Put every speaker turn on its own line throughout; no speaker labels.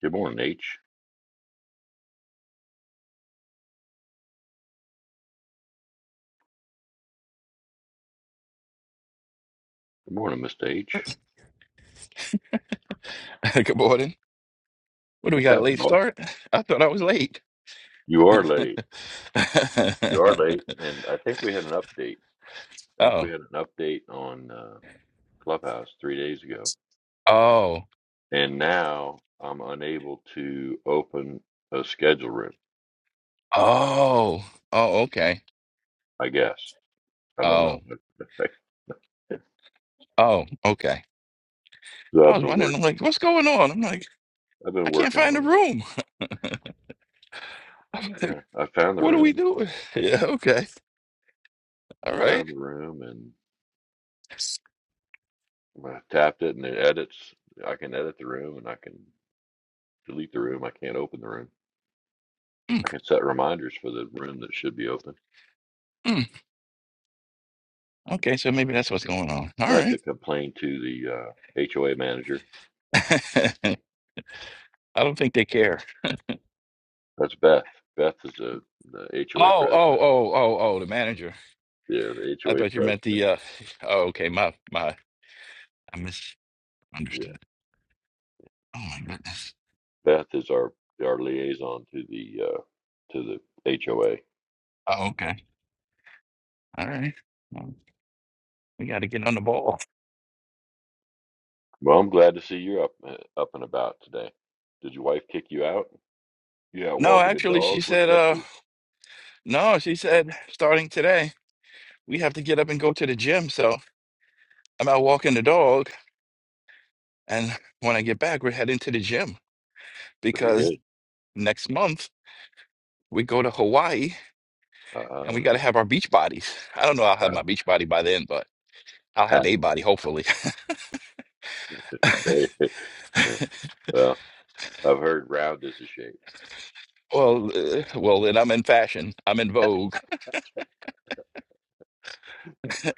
Good morning, H. Good morning, Mr. H.
Good morning. What do we
What's
got? A
happening,
late
boss?
start? I thought I was late.
You are late. You are late, and I think we had an update. I think
Oh,
we had an update on uh, Clubhouse three days ago,
oh,
and now I'm unable to open a schedule room.
oh, oh, okay.
I guess I don't
Oh,
know.
oh, okay.
so
I
I've
was
been
wondering,
work.
I'm like, what's going on? I'm like,
I've
I
been
can't
working
find the
on it.
room. I'm like,
Yeah, I found the
what are we
room.
doing? Yeah, okay.
I
All right.
found the room, and when I tapped it, and it edits. I can edit the room, and I can delete the room. I can't open the room.
Mm,
I can set reminders for the room that should be open.
mm. Okay, so maybe that's what's going on. All
I have
right.
to complain to the uh, HOA manager.
I don't think they care.
That's Beth. Beth is the, the HOA
Oh, oh,
president.
oh, oh, oh, the manager.
Yeah, the
I
HOA
thought you meant
president.
the uh oh, okay, my my I misunderstood.
Yeah,
Oh my goodness.
Beth is our our liaison to the uh, to the HOA.
Oh, okay. All right. Well, we got to get on the ball.
Well, I'm glad to see you're up uh, up and about today. Did your wife kick you out? You out
No,
walking the
actually, she
dog? What
said,
you up
uh,
to?
no, she said, starting today, we have to get up and go to the gym. So I'm out walking the dog. And when I get back, we're heading to the gym
Very
because
good.
next month we go to Hawaii and we
Uh,
got to have our beach bodies. I don't know. I'll have my
got
beach body by then, but I'll have a body, hopefully.
it. well, I've heard round is the shape.
Well, uh, well, then I'm in fashion. I'm in vogue,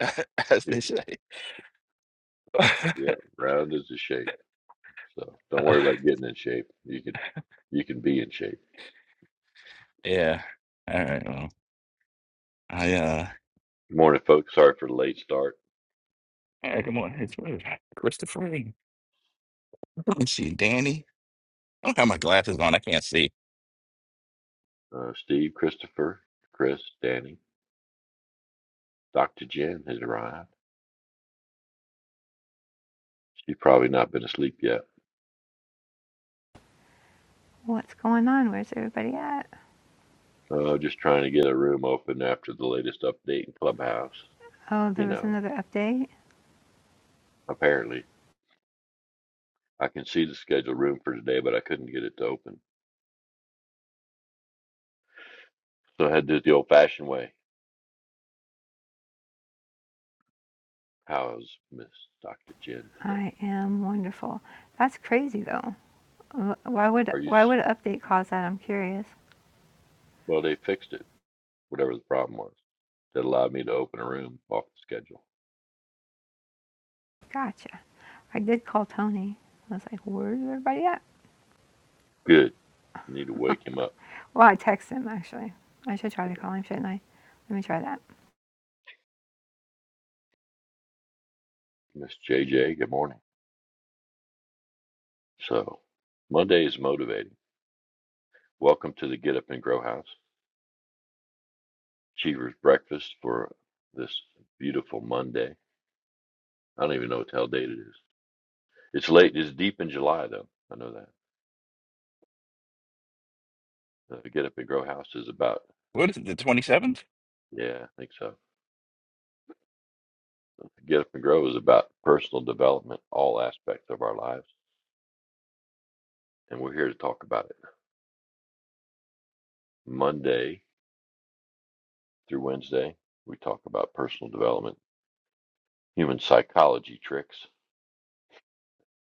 as they say.
Yeah, round is the shape. So don't
Uh,
worry about getting in shape. You can you can be in shape.
yeah. All right. Well. I uh
Good morning, folks. Sorry for the late start.
hey, good morning. It's what is Christopher. Let us see, Danny. I don't have my glasses on. I can't see.
Uh, Steve, Christopher, Chris, Danny, Dr. Jen has arrived. She's probably not been asleep yet.
What's going on? Where's everybody at?
Uh, just trying to get a room open after the latest update in Clubhouse.
Oh,
You
there was
know,
another update.
apparently I can see the scheduled room for today, but I couldn't get it to open, so I had to do it the old-fashioned way. How's Miss Dr. Jen today?
I am wonderful. That's crazy though. Why would
Are you?
why
s-
would an update cause that? I'm curious.
Well, they fixed it. whatever the problem was that allowed me to open a room off the schedule.
Gotcha. I did call Tony. I was like, where's everybody at?
Good. I Need to wake him up.
Well, I texted him actually. I should try to call him, shouldn't I? Let me try that.
Miss JJ, good morning. So, Monday is motivating. Welcome to the Get Up and Grow House. Cheever's breakfast for this beautiful Monday. I don't even know what the hell date it is. It's late. It's deep in July, though. I know that. The Get Up and Grow House is about,
What is it, the 27th?
yeah, I think so. Get Up and Grow is about personal development, all aspects of our lives. And we're here to talk about it. Monday through Wednesday, we talk about personal development, human psychology tricks.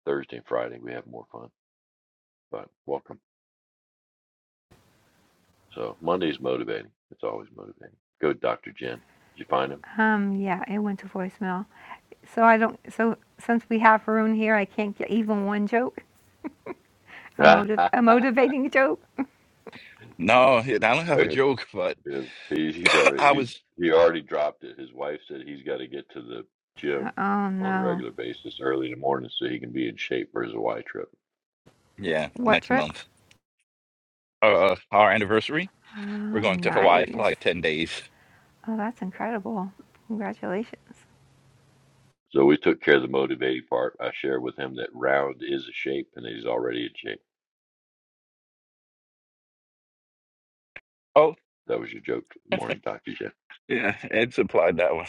Thursday and Friday, we have more fun, but welcome. So Monday's motivating. It's always motivating. Go to Dr. Jen. Did you find him?
Um, yeah, it went to voicemail. So I don't. So since we have Haroon here, I can't get even one joke. A motive, a motivating joke.
No, I don't have a
Okay,
joke, but
yeah, he, he's already
I
he
was
he already dropped it. His wife said he's got to get to the gym
Oh
on a
no.
regular basis early in the morning so he can be in shape for his Hawaii trip.
yeah,
What
next
trip?
month. Uh our anniversary.
Oh,
We're going to Hawaii for
nice.
like 10 days.
Oh, that's incredible. Congratulations.
So we took care of the motivating part. I shared with him that round is a shape and that he's already in shape.
Oh,
That was your joke for the morning, Dr. Jen.
yeah, Ed supplied that one.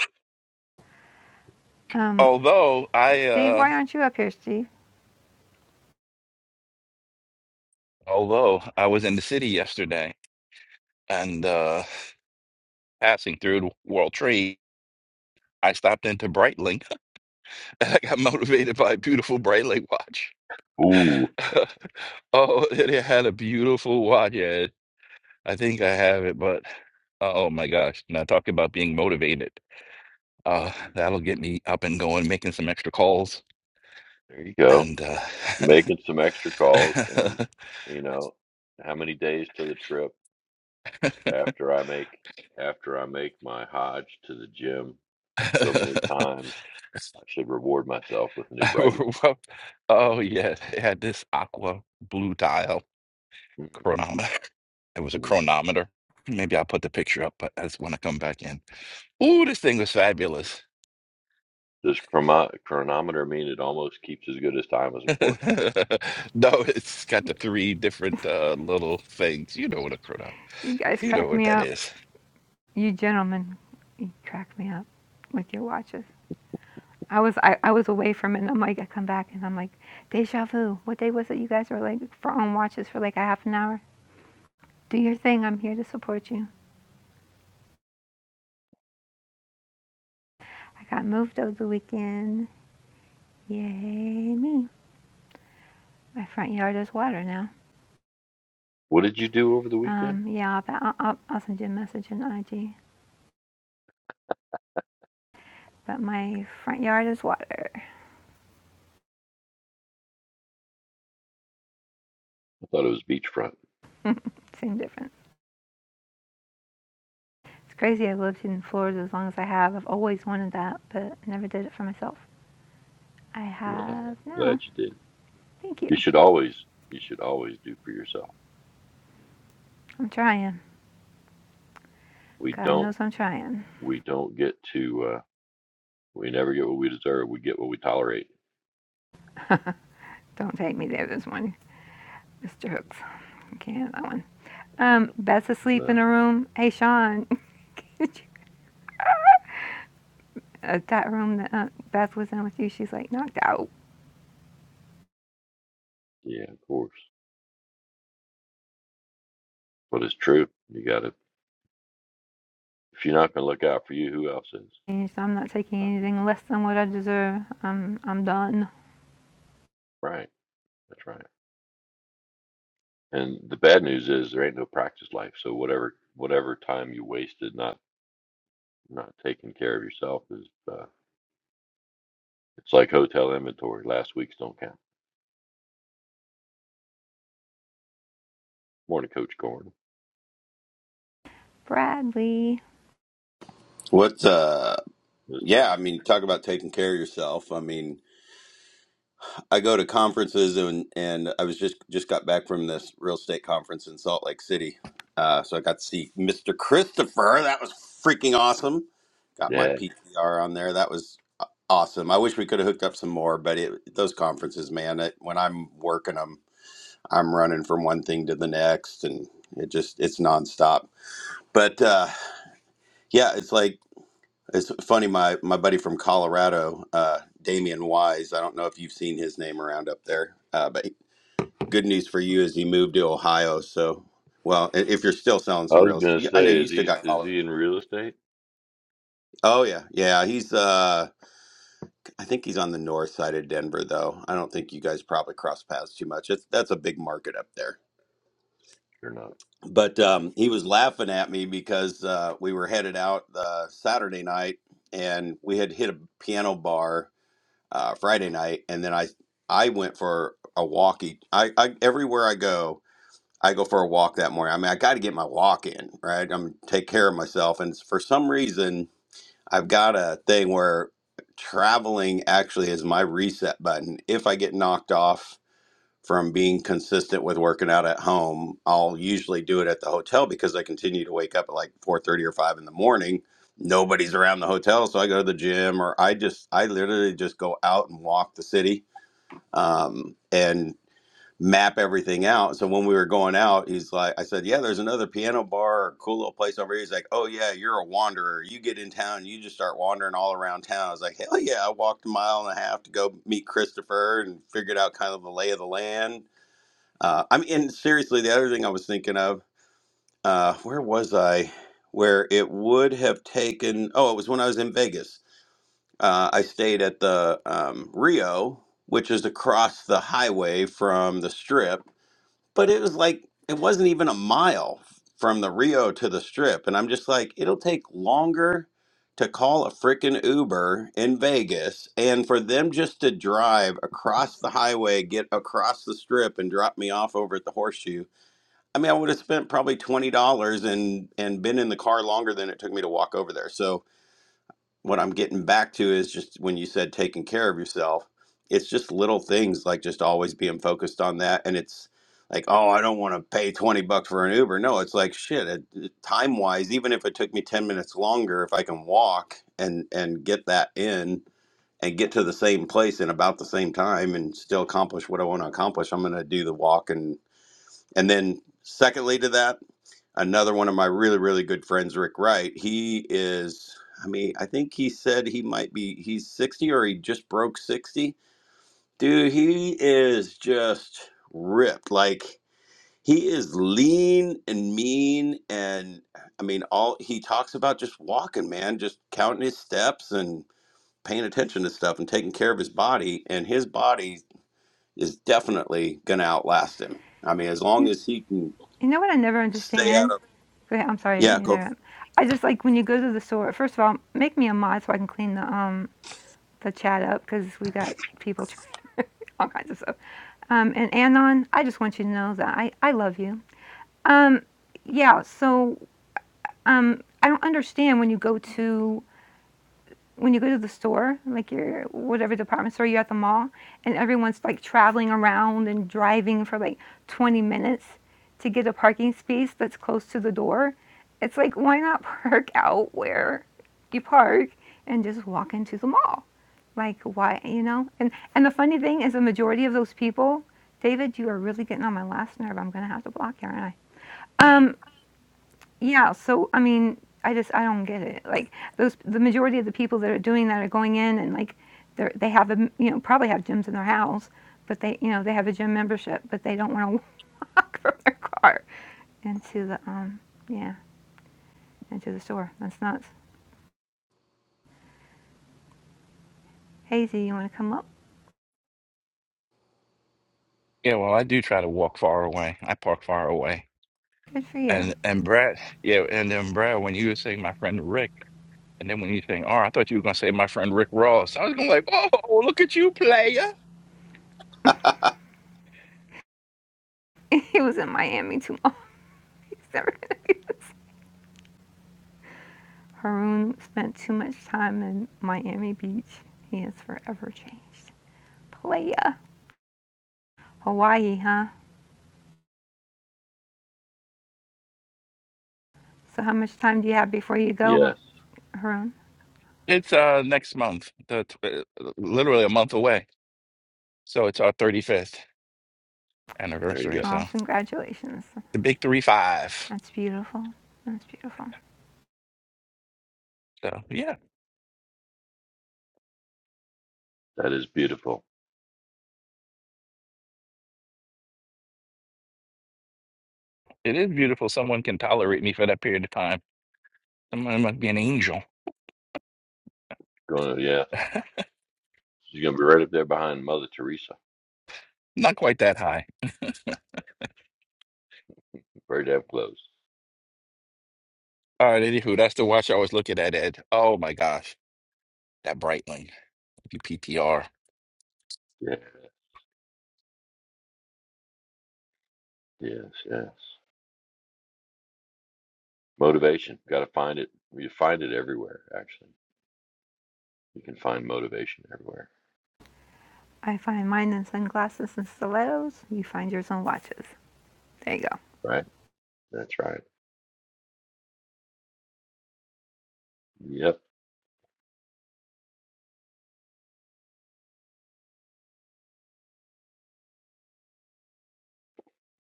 Um,
Although I
Steve,
uh
why aren't you up here, Steve?
although I was in the city yesterday and uh passing through the World Trade, I stopped into Breitling and I got motivated by a beautiful Breitling watch.
Ooh,
Oh, it had a beautiful watch. Yeah, I think I have it, but oh my gosh. Now talk about being motivated. Uh, that'll get me up and going, making some extra calls.
there you go.
And uh,
Making some extra calls and you know, how many days to the trip after I make after I make my Hodge to the gym so many times, I should reward myself with a new Breitling.
oh yeah, it had this aqua blue dial chronometer. It was a
Mhm.
chronometer. Maybe I'll put the picture up, but that's when I just want to come back in. Ooh, this thing was fabulous.
Does chrono chronometer mean it almost keeps as good as time as a quartz?
No, it's got the three different uh, little things. You know what a cronut.
You guys
You know
crack
what
me
that
up.
is.
You gentlemen, you crack me up with your watches. I was I, I was away from it and I'm like I come back and I'm like, deja vu. What day was it you guys were like for on watches for like a half an hour? Do your thing, I'm here to support you. I got moved over the weekend. Yay me. My front yard is water now.
What did you do over the weekend?
Um, yeah, I'll, I'll, I'll send you a message in IG. But my front yard is water.
I thought it was beachfront.
Same different. It's crazy. I've lived in Florida as long as I have. I've always wanted that, but never did it for myself. I
Well,
have
I'm glad
now.
you did.
Thank you.
You should always you should always do for yourself.
I'm trying.
We
God
don't
knows I'm trying.
we don't get to. uh, We never get what we deserve. We get what we tolerate.
Don't take me there this morning, Mr. Hooks. Can't have that one.
Uh,
Um, Beth's asleep
Then,
in a room. Hey, Sean, that room that uh, Beth was in with you, she's like knocked out.
yeah, of course. But it's true. You got to, if you're not going to look out for you, who else is?
And so I'm not taking
Dr. J.
anything less than what I deserve. I'm I'm done.
Right. That's right. And the bad news is there ain't no practice life. So whatever, whatever time you wasted not, not taking care of yourself is, uh, it's like hotel inventory. Last week's don't count. Morning, Coach Corn.
Bradley,
What? uh
This-
yeah, I mean talk about taking care of yourself. I mean, I go to conferences and and I was just just got back from this real estate conference in Salt Lake City. Uh so I got to see Mr. Christopher. That was freaking awesome. Got my
Yeah.
PTR on there. That was a- awesome. I wish we could have hooked up some more, but it, those conferences, man, it, when I'm working them, I'm running from one thing to the next and it just it's nonstop. But uh yeah, it's like It's funny, my my buddy from Colorado, uh, Damian Wise. I don't know if you've seen his name around up there, uh, but good news for you is he moved to Ohio. So, well, i- if you're still selling
I
some
was
real
going to
estate, I know
say,
you
is he,
still got
is
Colorado.
he in real estate
Oh yeah, yeah. He's uh, I think he's on the north side of Denver, though. I don't think you guys probably cross paths too much. It's that's a big market up there.
or not?
But um, he was laughing at me because uh, we were headed out uh, Saturday night, and we had hit a piano bar uh, Friday night, and then I I went for a walk. Each, I, I everywhere I go, I go for a walk that morning. I mean, I got to get my walk in, right? I'm take care of myself, and for some reason, I've got a thing where traveling actually is my reset button. If I get knocked off from being consistent with working out at home. I'll usually do it at the hotel because I continue to wake up at like 4:30 or 5 in the morning. Nobody's around the hotel, so I go to the gym or I just I literally just go out and walk the city um, and map everything out. So when we were going out, he's like I said, "Yeah, there's another piano bar or cool little place over here." He's like, "Oh yeah, you're a wanderer. You get in town, you just start wandering all around town." I was like, "Hell yeah, I walked a mile and a half to go meet Christopher and figured out kind of the lay of the land." Uh, I mean, and seriously, the other thing I was thinking of, uh, where was I? Where it would have taken, oh, it was when I was in Vegas. Uh, I stayed at the um, Rio, which is across the highway from the strip, but it was like, it wasn't even a mile from the Rio to the strip. And I'm just like, it'll take longer to call a freaking Uber in Vegas and for them just to drive across the highway, get across the strip, and drop me off over at the horseshoe I mean, I would have spent probably twenty dollars and and been in the car longer than it took me to walk over there. So what I'm getting back to is just when you said taking care of yourself, it's just little things like just always being focused on that. And it's like, oh, I don't want to pay twenty bucks for an Uber. No, it's like shit. It, time wise, even if it took me ten minutes longer, if I can walk and and get that in and get to the same place in about the same time and still accomplish what I want to accomplish, I'm going to do the walk and and then secondly to that another one of my really really good friends rick wright he is i mean i think he said he might be he's 60 or he just broke 60 dude he is just ripped like he is lean and mean and i mean all he talks about just walking man just counting his steps and paying attention to stuff and taking care of his body and his body is definitely gonna outlast him i mean as
No.
long as he can
You know what I never
stay out
understand?
of
Go ahead. I'm sorry, I didn't
yeah
mean to
go
interrupt. I just like when you go to the store. First of all, make me a mod so I can clean the um the chat up because we got people trying all kinds of stuff. Um, and Anon, I just want you to know that I I love you. Um, yeah. So um, I don't understand when you go to when you go to the store, like your whatever department store you're at the mall, and everyone's like traveling around and driving for like 20 minutes to get a parking space that's close to the door, it's like why not park out where you park and just walk into the mall? Like why you know? And and the funny thing is the majority of those people, David, you are really getting on my last nerve. I'm gonna have to block you, aren't I? Um, yeah, so I mean, I just I don't get it. Like those, the majority of the people that are doing that are going in and like they're they have a m- you know probably have gyms in their house, but they you know they have a gym membership, but they don't want to walk from their car into the um yeah into the store. That's nuts. Hazy, you want to come up?
Yeah, well, I do try to walk far away. I park far away.
Good for you.
And and Brad, yeah, and then Brad, when you were saying my friend Rick, and then when you saying, oh, I thought you were gonna say my friend Rick Ross. I was gonna like, oh, look at you, player.
he was in Miami too long. He's never gonna do this. Haroon spent too much time in Miami Beach. He has forever changed. Playa. Hawaii, huh? So how much time do you have before you go,
Yes.
Har- Harun?
It's uh next month, the tw- uh, literally a month away. So it's our 35th
There you
anniversary.
go.
So
Oh, congratulations.
the big three five.
That's beautiful. That's beautiful.
So yeah.
That is beautiful.
It is beautiful. Someone can tolerate me for that period of time. Someone must be an angel.
Going, yeah. She's gonna be right up there behind Mother Teresa.
Not quite that high.
Very damn close.
All right, anywho, that's the watch I was looking at, Ed. Oh my gosh, that Breitling, If You PTR.
Yeah. Yes. Yes. Motivation. Got to find it. You find it everywhere. Actually, you can find motivation everywhere.
I find mine in sunglasses and stilettos. You find yours in watches. There you go.
Right. That's right. Yep.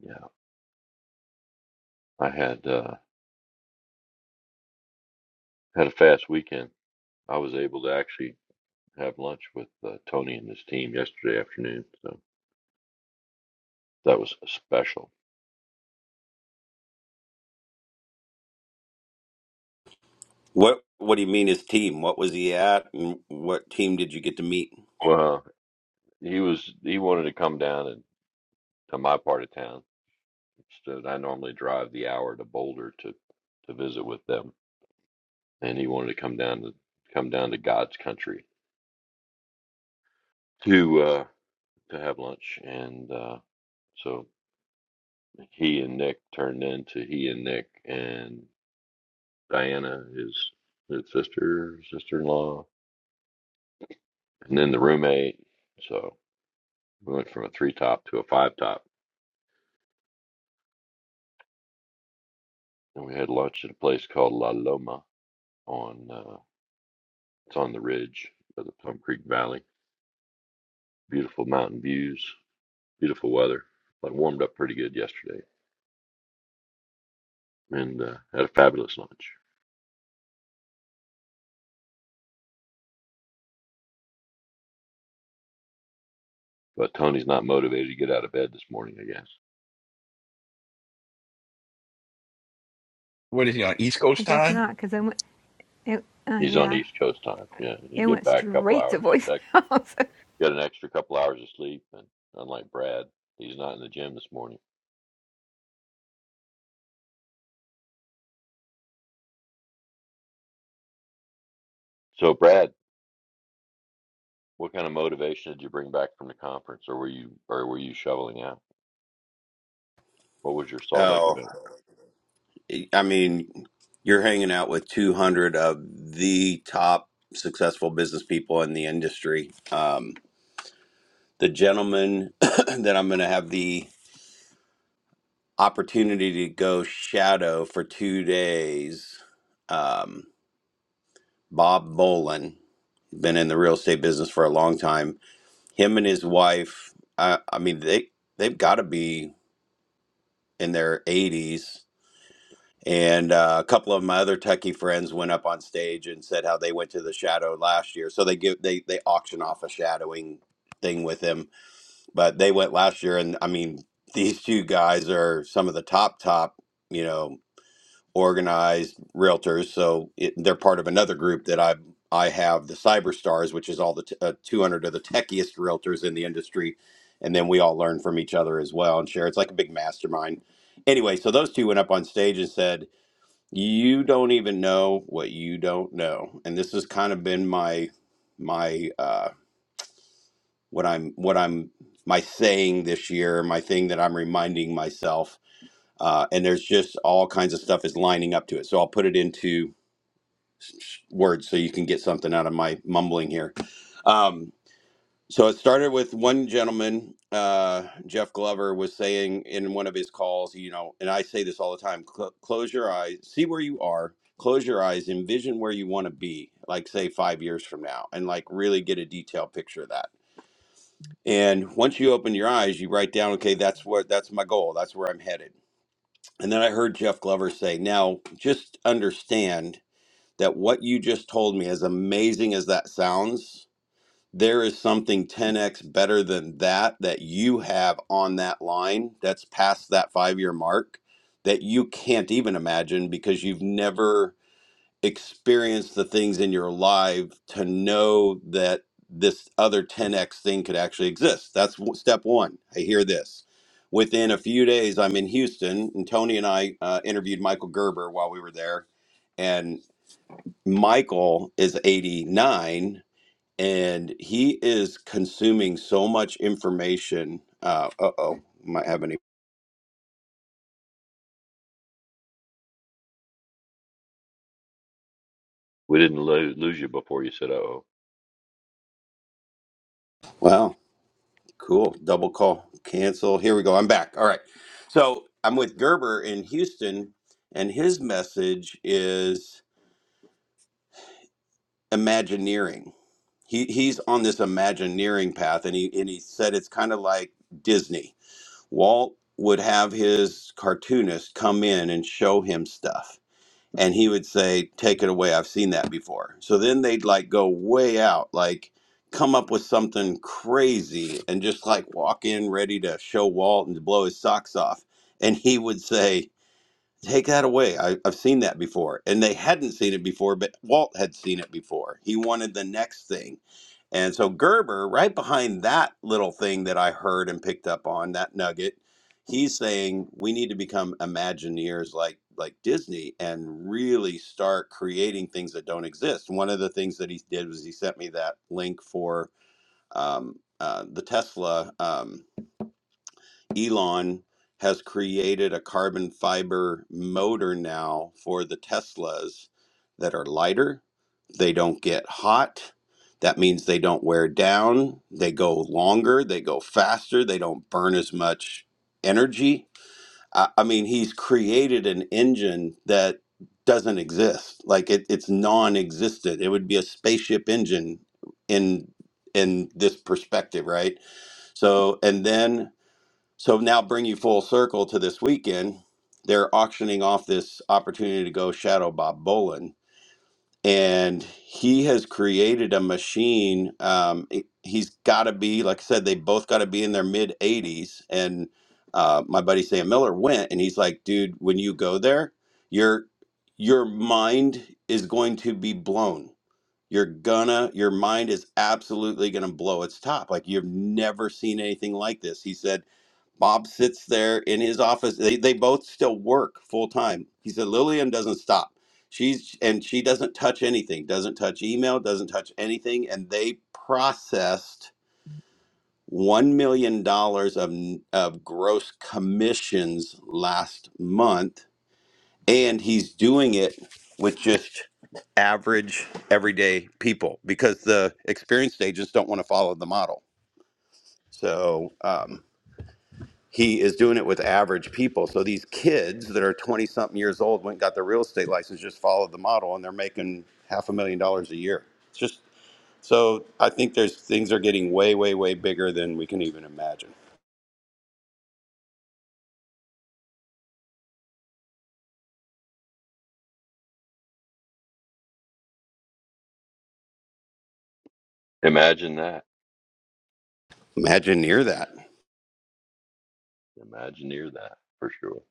Yeah. I had uh, had a fast weekend. I was able to actually have lunch with uh, Tony and his team yesterday afternoon. So that was special.
What What do you mean his team? What was he at, and what team did you get to meet?
Well, he was he wanted to come down and to my part of town. So I normally drive the hour to Boulder to to visit with them and he wanted to come down to come down to God's country to uh, to have lunch, and uh, so he and Nick turned into he and Nick and Diana, his his sister, sister in law, and then the roommate. So we went from a three top to a five top, and we had lunch at a place called La Loma on uh, it's on the ridge of the Plum Creek Valley. Beautiful mountain views, beautiful weather. But warmed up pretty good yesterday, and uh, had a fabulous lunch But Tony's not motivated to get out of bed this morning, I guess.
What is he on East
I
Coast
guess
time?
not, because it went, it, uh,
He's on
yeah,
East Coast time. Yeah, he
it
get
went
back a couple
straight to
hours, back-
voicemail. So-
get an extra couple hours of sleep. And unlike Brad, he's not in the gym this morning. So, Brad, what kind of motivation did you bring back from the conference, or were you, or were you shoveling out? What was your Salt Lake
Oh,
event?
I mean, you're hanging out with 200 of the top successful business people in the industry. Um, the gentleman that I'm going to have the opportunity to go shadow for two days, um, Bob Bolin, been in the real estate business for a long time. Him and his wife, I, I mean, they they've got to be in their 80s And uh, a couple of my other techie friends went up on stage and said how they went to the shadow last year. So they give they they auction off a shadowing thing with them, but they went last year, and I mean these two guys are some of the top top you know organized realtors. So it, they're part of another group that I I have the Cyberstars, which is all the t- uh, 200 of the techiest realtors in the industry, and then we all learn from each other as well and share. It's like a big mastermind. Anyway, so those two went up on stage and said you don't even know what you don't know and this has kind of been my my uh what i'm what i'm my saying this year my thing that i'm reminding myself uh and there's just all kinds of stuff is lining up to it so i'll put it into s- s- words so you can get something out of my mumbling here um so it started with one gentleman, uh, Jeff Glover, was saying in one of his calls, you know, and I say this all the time cl- close your eyes, see where you are, close your eyes, envision where you want to be, like, say, five years from now, and like really get a detailed picture of that. And once you open your eyes, you write down, okay, that's what that's my goal, that's where I'm headed. And then I heard Jeff Glover say, now just understand that what you just told me, as amazing as that sounds, there is something 10x better than that that you have on that line that's past that five year mark that you can't even imagine because you've never experienced the things in your life to know that this other 10x thing could actually exist. That's w- step one. I hear this. Within a few days, I'm in Houston, and Tony and I uh, interviewed Michael Gerber while we were there. And Michael is 89 and he is consuming so much information. Uh oh, might have any.
We didn't lo- lose you before you said, "Oh,
Wow, cool. Double call, cancel. Here we go. I'm back. All right. So I'm with Gerber in Houston, and his message is Imagineering. He, he's on this Imagineering path, and he and he said it's kind of like Disney. Walt would have his cartoonist come in and show him stuff and he would say take it away i've seen that before so then they'd like go way out like come up with something crazy and just like walk in ready to show walt and to blow his socks off and he would say take that away I, i've seen that before and they hadn't seen it before but walt had seen it before he wanted the next thing and so Gerber, right behind that little thing that I heard and picked up on, that nugget, he's saying we need to become imagineers like like Disney and really start creating things that don't exist. One of the things that he did was he sent me that link for um, uh, the Tesla. Um, Elon has created a carbon fiber motor now for the Teslas that are lighter. They don't get hot. That means they don't wear down. They go longer. They go faster. They don't burn as much energy. I, I mean, he's created an engine that doesn't exist. Like it, it's non-existent. It would be a spaceship engine in in this perspective, right? So, and then so now bring you full circle to this weekend. They're auctioning off this opportunity to go shadow Bob Bolin. And he has created a machine. Um, it- he's got to be, like I said, they both got to be in their mid 80s. And uh, my buddy Sam Miller went and he's like, dude, when you go there, your your mind is going to be blown. You're gonna, your mind is absolutely gonna blow its top. Like you've never seen anything like this. He said, Bob sits there in his office. They, they both still work full time. He said Lillian doesn't stop. She's and she doesn't touch anything, doesn't touch email, doesn't touch anything. And they processed one million dollars of of gross commissions last month, and he's doing it with just average everyday people because the experienced agents don't want to follow the model. So um, he is doing it with average people. So these kids that are 20 something years old went and got their real estate license, just followed the model, and they're making half a million dollars a year. It's just so I think there's things are getting way, way, way bigger than we can even imagine.
imagine that,
Imagine near that.
Imagineer that for sure."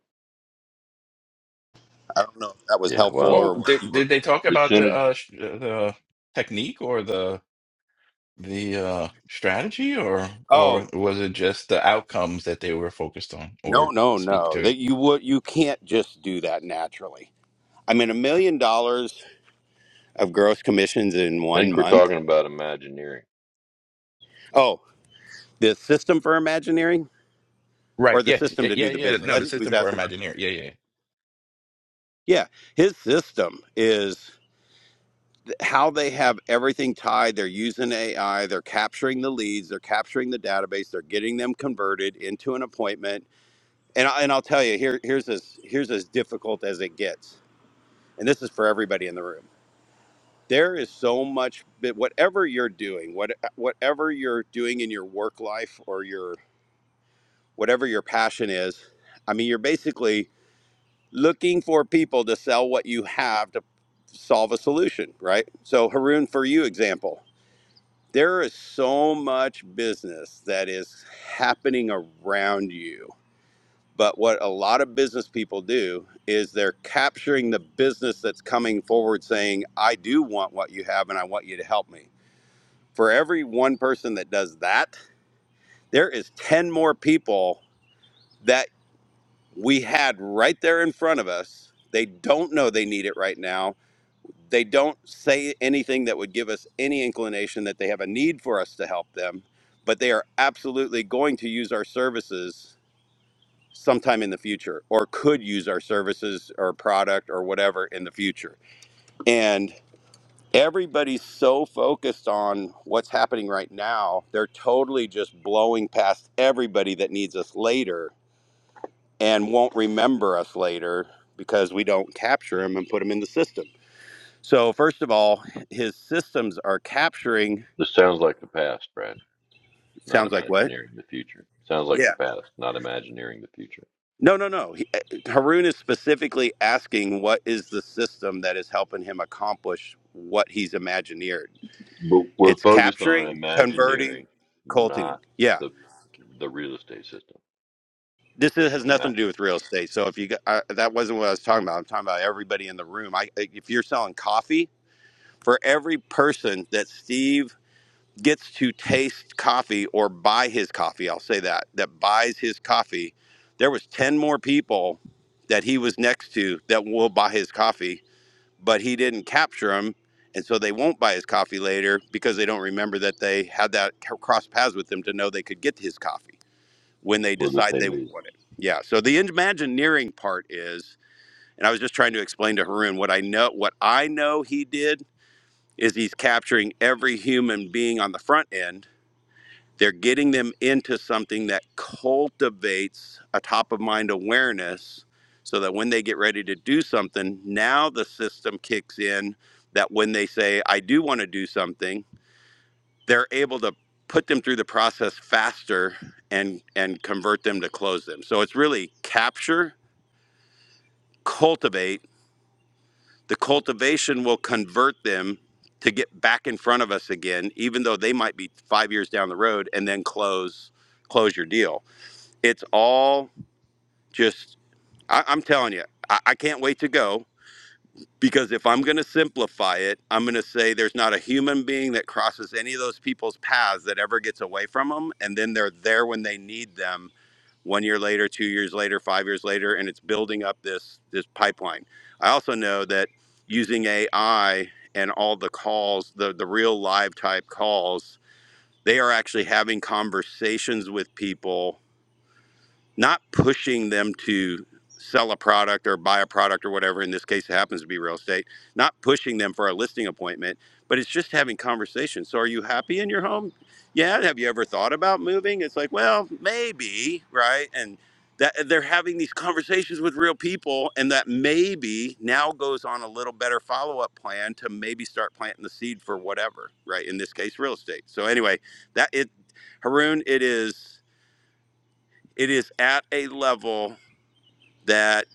I don't know if that was
Yeah,
helpful
well,
Well,
or what you
did
were.
did they talk
as
about
soon
the
as
uh
you
sh- uh, the technique or the the uh strategy or
Oh,
or was it just the outcomes that they were focused on
no,
or
no,
speak
no.
to?
That you would you can't just do that naturally. I mean, a million dollars of gross commissions in one
think we're
month.
talking about Imagineering,
Oh, the system for Imagineering or
Right.
the
Yes.
system
Yeah.
to
Yeah.
do the
Yeah.
business?
No,
I
the
think he was
system for
asking about
Imagineer. Yeah. Yeah. yeah.
Yeah, his system is th- how they have everything tied. They're using AI, they're capturing the leads, they're capturing the database, they're getting them converted into an appointment. And I, and I'll tell you, here here's as here's as difficult as it gets. And this is for everybody in the room. There is so much that whatever you're doing, what whatever you're doing in your work life or your whatever your passion is, I mean, you're basically looking for people to sell what you have to solve a solution, right? So Haroon, for you example, there is so much business that is happening around you. But what a lot of business people do is they're capturing the business that's coming forward saying, I do want what you have and I want you to help me. For every one person that does that, there is 10 more people that we had right there in front of us. They don't know they need it right now they don't say anything that would give us any inclination that they have a need for us to help them, but they are absolutely going to use our services sometime in the future or could use our services or product or whatever in the future. And everybody's so focused on what's happening right now, they're totally just blowing past everybody that needs us later and won't remember us later because we don't capture them and put them in the system So first of all, his systems are capturing.
this sounds like the past, Brad. not
Sounds like what?
imagineering the future. Sounds like the
Yeah.
past, not imagineering the future.
No, no, no. He, eh, eh, Haroon is specifically asking what is the system that is helping him accomplish what he's imagineered.
But we're
It's
focused on
capturing, converting,
imagineering,
culting.
not
Yeah.
the the real estate system.
This is, has nothing
Ima-
to do with real estate. So if you got- I, that wasn't what I was talking about, I'm talking about everybody in the room. I eh, if you're selling coffee, for every person that Steve gets to taste coffee or buy his coffee. I'll say that that buys his coffee. There was ten more people that he was next to that will buy his coffee, but he didn't capture them, and so they won't buy his coffee later because they don't remember that they had that c- cross paths with him to know they could get his coffee when they
Or that
decide
they
they
need.
want it. Yeah. So the Imagineering part is, and I was just trying to explain to Haroon what I know. What I know he did is he's capturing every human being on the front end they're getting them into something that cultivates a top of mind awareness so that when they get ready to do something, now the system kicks in that when they say, I do want to do something, they're able to put them through the process faster and and convert them to close them. So it's really capture, cultivate. The cultivation will convert them to get back in front of us again, even though they might be five years down the road and then close close your deal It's all just, I, I'm telling you, I, I can't wait to go because if I'm going to simplify it, I'm going to say there's not a human being that crosses any of those people's paths that ever gets away from them. And then they're there when they need them one year later, two years later, five years later, and it's building up this this pipeline. I also know that using AI and all the calls, the the real live type calls, they are actually having conversations with people not pushing them to sell a product or buy a product or whatever in this case it happens to be real estate not pushing them for a listing appointment but it's just having conversations so are you happy in your home yeah have you ever thought about moving it's like well maybe right and that they're having these conversations with real people and that maybe now goes on a little better follow-up plan to maybe start planting the seed for whatever right in this case real estate so anyway that it haroon it is it is at a level that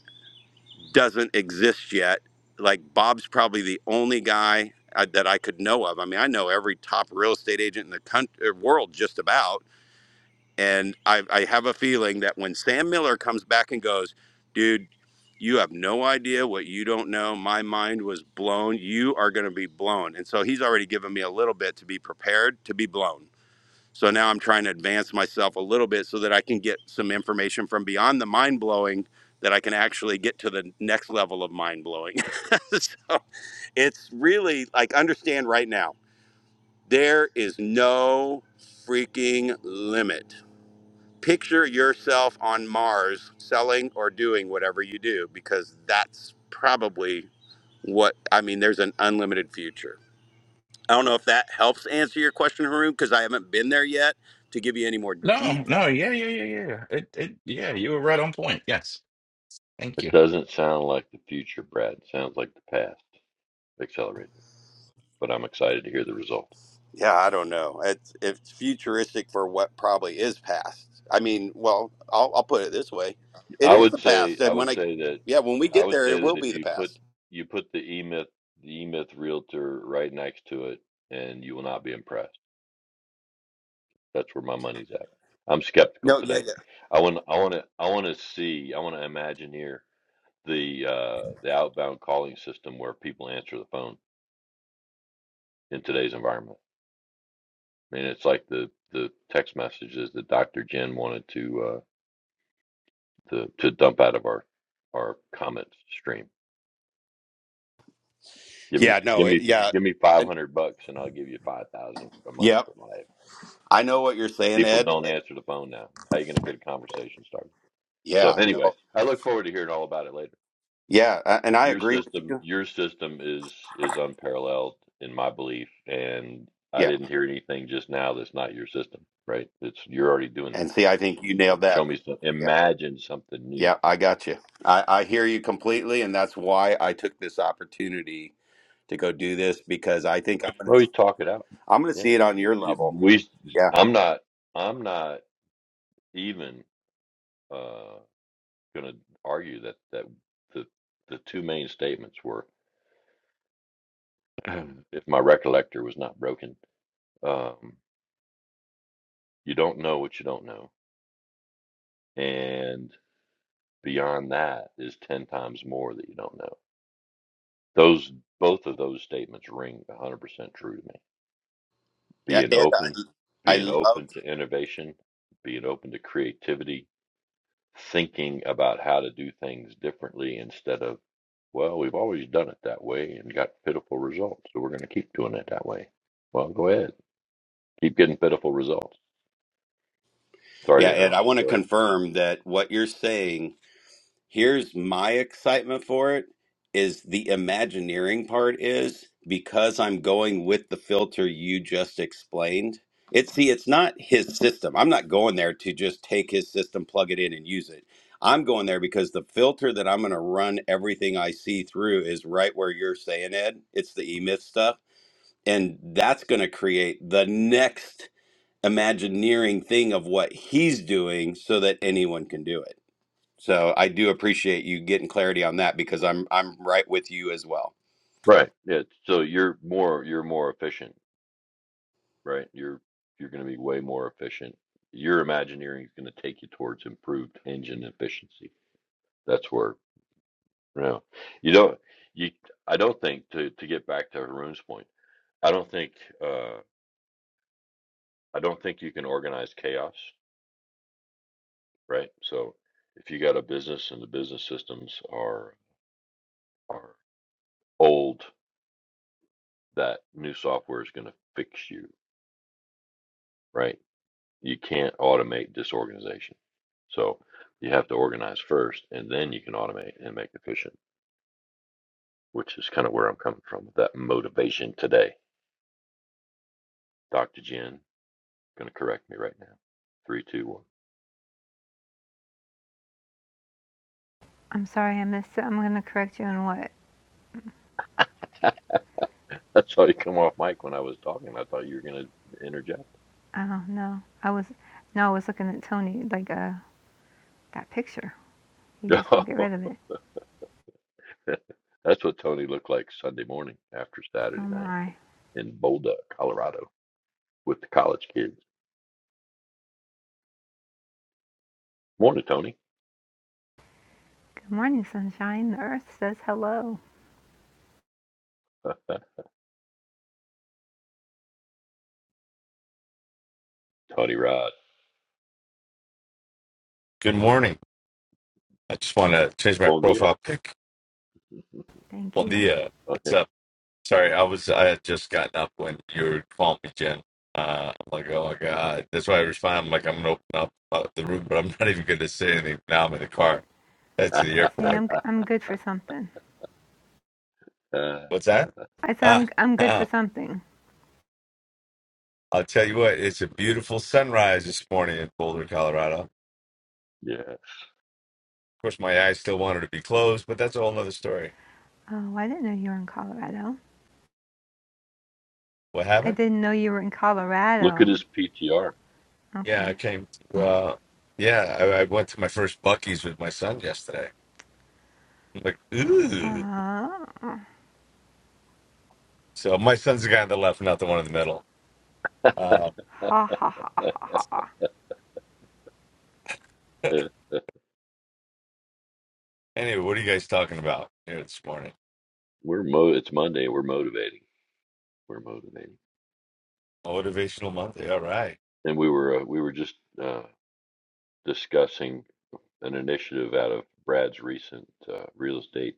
doesn't exist yet. Like Bob's probably the only guy uh that I could know of. I mean, I know every top real estate agent in the country, world just about. And I, I have a feeling that when Sam Miller comes back and goes, dude, you have no idea what you don't know. My mind was blown. You are going to be blown. And so he's already given me a little bit to be prepared to be blown. So now I'm trying to advance myself a little bit so that I can get some information from beyond the mind blowing that I can actually get to the next level of mind blowing. so it's really like understand right now there is no freaking limit. Picture yourself on Mars selling or doing whatever you do because that's probably what I mean. There's an unlimited future. I don't know if that helps answer your question, Haroon, because I haven't been there yet to give you any more detail.
No, no, yeah, yeah, yeah, yeah. yeah. It, it, yeah, you were right on point. Yes, thank
It
you.
doesn't sound like the future, Brad. It sounds like the past accelerated. But I'm excited to hear the results.
Yeah, I don't know. It's it's futuristic for what probably is past. I mean, well, I'll, I'll put it this way: it
I
is
would
the
say
past,
I
and when
would
I,
say that
yeah, when we
I
get
would
there, it
say
will
that
be
if
the
you put
past.
you put the E Myth the E Myth realtor right next to it, and you will not be impressed. That's where my money's at. I'm skeptical today. I want I want to I want to see I want to imagineer the uh, the outbound calling system where people answer the phone in today's environment. I mean, it's like the the text messages that Dr. Jen wanted to uh, to to dump out of our our comment stream. Give me
Yeah, no,
give
it,
me
yeah,
give me
and,
500 bucks and I'll give you 5,000 a month
yep.
for life.
I know what you're saying,
People
Ed.
don't answer the phone now. How are you going to get a conversation started? So
Yeah, no,
anyway, I look forward to hearing all about it later.
yeah, a- and I
Your
agree with
system,
you.
your system is is unparalleled in my belief, and I
Yeah,
didn't hear anything just now that's not your system, right? It's you're already doing
and
that.
see, I think you nailed
Show
that.
me some,
Yeah,
imagine something new.
yeah, I got you. I, I hear you completely, and that's why I took this opportunity to go do this because I think I'm gonna
Well, you talk it out.
I'm gonna see
Yeah,
it on
you-
your
you-
level.
we.
Yeah,
I'm not. I'm not even uh, gonna argue that that the the two main statements were, if my recollector was not broken, um, you don't know what you don't know, and. Beyond that is 10 times more that you don't know. Those both of those statements ring 100% true to me.
Yeah,
Being
Ed,
open,
I, I
being
love.
open to innovation, being open to creativity, thinking about how to do things differently instead of well, we've always done it that way and got pitiful results, so we're going to keep doing it that way. Well, go ahead. Keep getting pitiful results. Sorry
Yeah,
to
Ed, I
interrupt
want to
you. Go ahead.
confirm that what you're saying, here's my excitement for it, is the Imagineering part is because I'm going with the filter you just explained. It, see, it's not his system. I'm not going there to just take his system, plug it in, and use it. I'm going there because the filter that I'm going to run everything I see through is right where you're saying, Ed. It's the E myth stuff and that's going to create the next imagineering thing of what he's doing so that anyone can do it. So I do appreciate you getting clarity on that because I'm I'm right with you as well.
Right. Yeah. So you're more you're more efficient right? You're you're going to be way more efficient. Your Imagineering is going to take you towards improved engine efficiency. That's where you know you don't you. I don't think to to get back to Haroon's point. I don't think uh, I don't think you can organize chaos, right? So if you got a business and the business systems are are old, that new software is going to fix you, right? You can't automate disorganization. So you have to organize first and then you can automate and make efficient, which is kind of where I'm coming from with that motivation today. Dr. Jen, going to correct me right now. Three, two, one.
I'm sorry I missed it. I'm going to correct you on what?
I saw you come off mic when I was talking. I thought you were going to interject.
I don't know. I was, no, I was looking at Tony, like, uh, that picture. He
No,
just won't get rid of it.
that's what Tony looked like Sunday morning after
Oh
Saturday night
my.
in Boulder, Colorado, with the college kids. Morning, Tony.
Good morning, sunshine. The earth says hello.
Tony Rod.
Good morning. I just want to change my
Bon dia.
profile pic.
Thank
Bon
you.
dia. What's
Okay.
up? Sorry, I was I had just gotten up when you were calling me, Jen. Uh, I'm like, oh my god. That's why I respond. I'm like, I'm gonna open up uh, the room, but I'm not even gonna say anything. Now I'm in the car. Head to the
See,
airport.
I'm i I'm good for something.
Uh,
What's that?
I said
Ah,
I'm I'm good for
ah,
something.
I'll tell you what. It's a beautiful sunrise this morning in Boulder, Colorado. Of
yeah.
course, my eyes still wanted to be closed, but that's a whole nother story.
Oh, I didn't know you were in Colorado.
What
I
happened?
didn't know you were in
Look at
Colorado.
his PTR.
Yeah, I
Okay.
came. To, uh, yeah, I, I went to my first Bucky's with my son yesterday I'm like,
Uh,
ooh.
ha
So my son's the guy on the left, not the one in the middle. Uh,
ha ha.
Uh,
anyway, what are you guys talking about here this morning?
we're mo. It's Monday. We're motivating. We're motivating.
Motivational Monday. All right.
And we were uh, we were just uh, discussing an initiative out of Brad's recent uh, real estate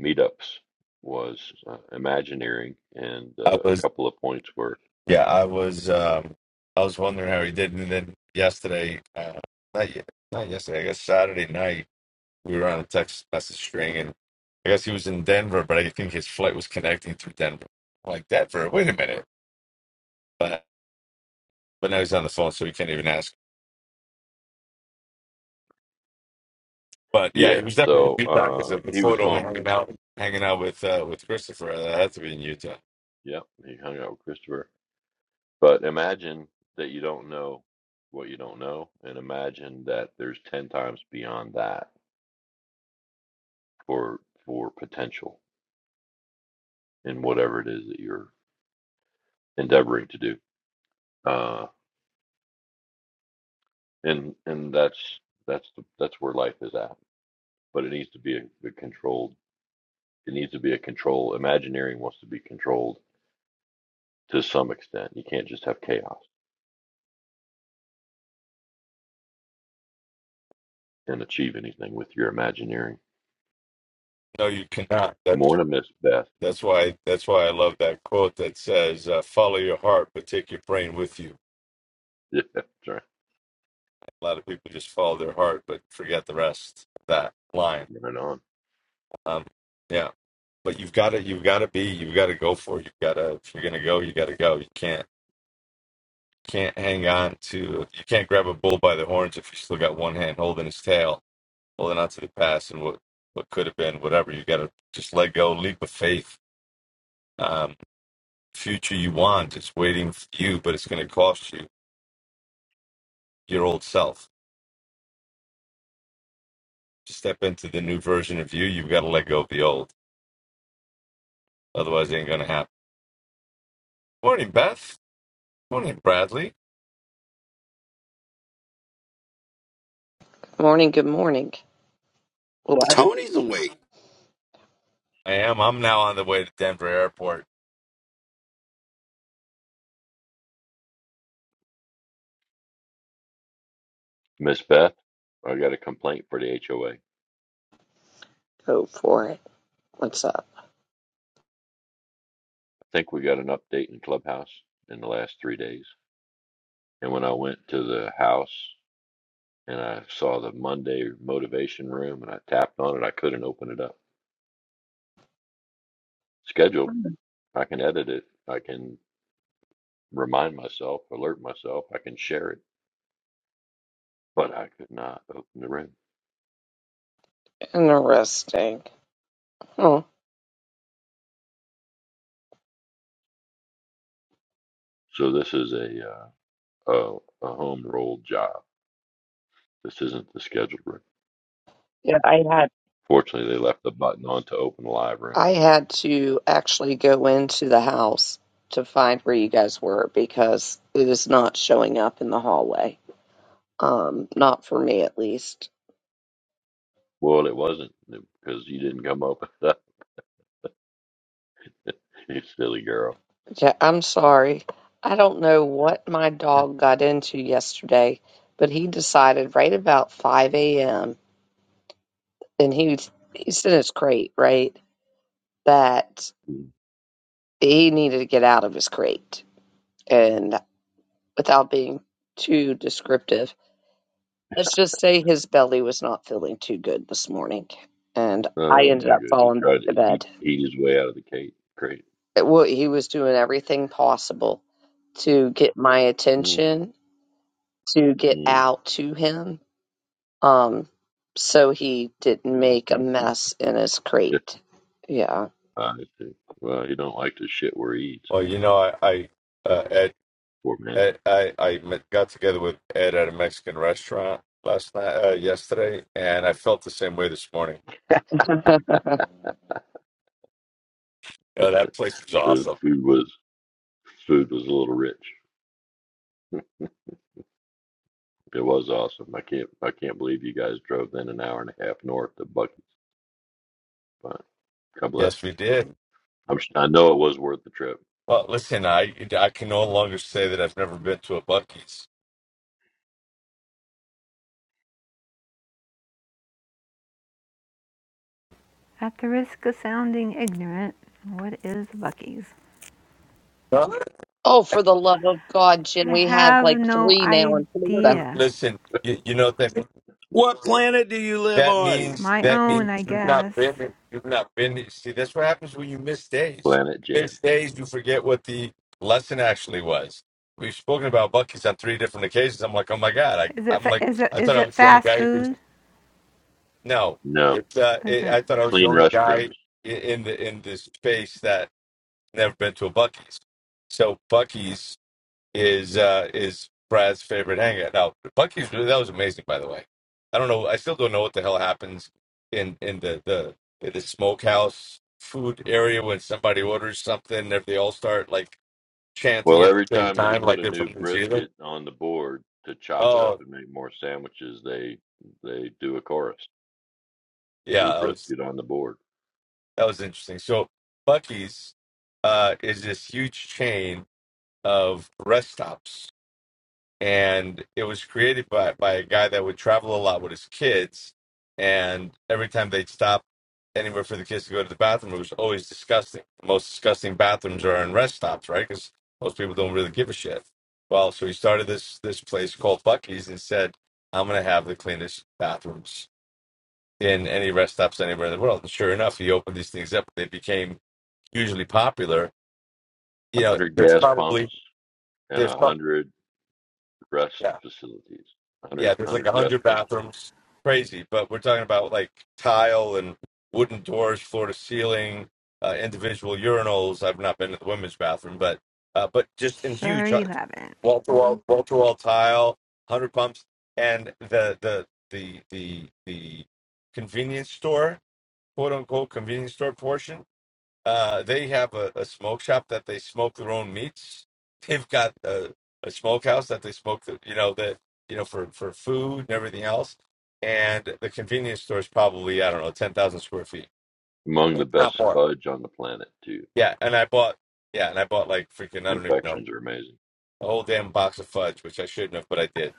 meetups was uh, Imagineering, and
I
uh, a
was,
couple of points were
yeah, I was, um, I was wondering how he did, and then yesterday, uh, not yet, not yesterday. I guess Saturday night we were on a text message string, and I guess he was in Denver, but I think his flight was connecting through Denver. I'm like Denver, wait a minute, but but now he's on the phone, so he can't even ask. But yeah,
yeah.
he was definitely in Utah because
So uh,
of the
he was
photo
going.
hanging out hanging out with uh, with Christopher. That had to be in Utah.
Yep, he hung out with Christopher. But imagine that you don't know what you don't know, and imagine that there's ten times beyond that for for potential in whatever it is that you're endeavoring to do. Uh, and and that's that's the, that's where life is at. But it needs to be a, a controlled. It needs to be a control. Imagineering wants to be controlled to some extent. You can't just have chaos and achieve anything with your imagineering.
No, you cannot. That's
Morning, Miss Beth.
that's why that's why I love that quote that says, uh, "Follow your heart, but take your brain with you."
Yeah, that's right.
A lot of people just follow their heart but forget the rest. That line,
Right on,
um, yeah. But you've got to you've got to be you've got to go for it. You've got to if you're gonna go, you got to go. You can't can't hang on to you can't grab a bull by the horns if you still got one hand holding his tail holding on to the past and what what could have been, whatever. You got to just let go, leap of faith. Um, future you want, it's waiting for you, but it's going to cost you your old self. To step into the new version of you, you've got to let go of the old. Otherwise, it ain't going to happen. Morning, Beth. Morning, Bradley.
Morning, good morning. Well, I
Tony's awake.
I am. I'm now on the way to Denver Airport.
Miss Beth. I got a complaint for the HOA. I
would hope for it. What's up?
think we got an update in Clubhouse in the last three days. And when I went to the house and I saw the Monday motivation room and I tapped on it. I couldn't open it up. Scheduled. I can edit it. I can remind myself, alert myself. I can share it, but I could not open the room.
Interesting. Hmm.
So this is a uh, a, a home roll job. This isn't the scheduled room.
Yeah, I had
Fortunately, they left the button on to open the live room.
I had to actually go into the house to find where you guys were because it is not showing up in the hallway. Um, not for me at least.
Well, it wasn't because you didn't come open it up. You silly girl.
Yeah, I'm sorry. I don't know what my dog got into yesterday, but he decided right about 5 a.m. and he he's in his crate, right? That
Mm.
he needed to get out of his crate. And without being too descriptive, let's just say his belly was not feeling too good this morning. And I
Oh
ended
my
up
good. He
falling
tried
to
to eat,
bed.
eat his way out of the cake. Great.
It wa- He was doing everything possible to get my
Mm,
attention, to get
mm.
out to him, um, so he didn't make a mess in his crate. Yeah.
I see. Well, you don't like the shit where he eats.
Well, you know, I I uh, Ed,
Poor man.
Ed, I I met, got together with Ed at a Mexican restaurant last night, uh, yesterday, and I felt the same way this morning. Oh, that place is
The
awesome.
food was food was a little rich. It was awesome. I can't I can't believe you guys drove then an hour and a half north to Bucky's. But God bless. you.
Yes, we did.
I'm s- I know it was worth the trip.
Well, listen, I I can no longer say that I've never been to a Bucky's.
At the risk of sounding ignorant, what is Bucky's?
No.
oh, for the love of God, Jen,
I
we have
have
like
no
three now in Florida.
You,
idea.
listen, you, you know that
What planet do you live
that
on?
means
My
that
own,
means
I
you've not
guess.
been you've not been. See, that's what happens when you miss days.
Planet
You
Jan.
miss days, you forget what the lesson actually was. We've spoken about Bucky's on three different occasions. I'm like, oh my god,
Is
I,
it
I'm
fa-
like,
is it
I
is
thought I
it
was the only
fast
guy. Who,
food?
no,
No
it's uh,
Is
it,
it?
I thought I was the
clean
only guy
restrooms.
in, in the in this space that never been to a Bucky's. So Bucky's is uh is Brad's favorite hangout. Now, Bucky's that was amazing, by the way. I don't know. I still don't know what the hell happens in in the the in the smokehouse food area when somebody orders something if they all start like chanting
Well,
at
every
the same
time they
time
put
like
a
they're
new
from New Zealand.
brisket on the board to chop it up
Oh
and make more sandwiches, they they do a chorus.
yeah,
New
that was
brisket on the board.
that was interesting. So Bucky's uh is this huge chain of rest stops and it was created by by a guy that would travel a lot with his kids, and every time they'd stop anywhere for the kids to go to the bathroom, it was always disgusting. The most disgusting bathrooms are in rest stops, right? Because most people don't really give a shit. Well, so he started this this place called Bucky's and said, "I'm gonna have the cleanest bathrooms in any rest stops anywhere in the world." And sure enough, he opened these things up. They became hugely popular. You
A
know,
hundred
there's
gas pumps
probably
and
there's
a
probably
hundred rest facilities, 100,
yeah, there's like a hundred
restrooms.
bathrooms, crazy. But we're talking about like tile and wooden doors, floor to ceiling, uh, individual urinals. I've not been to the women's bathroom, but uh, but just in
Sure,
huge uh,
you haven't.
wall to wall, wall to wall tile, hundred pumps, and the the the the the convenience store, quote unquote convenience store portion uh, they have a, a smoke shop that they smoke their own meats. They've got a, a smokehouse that they smoke, the, you know, the you know for for food and everything else. And the convenience store is probably I don't know ten thousand square feet.
Among the
It's not
best
far.
fudge on the planet, too.
Yeah, and I bought yeah, and I bought like freaking I don't even know
Confections are amazing.
a whole damn box of fudge, which I shouldn't have, but I did.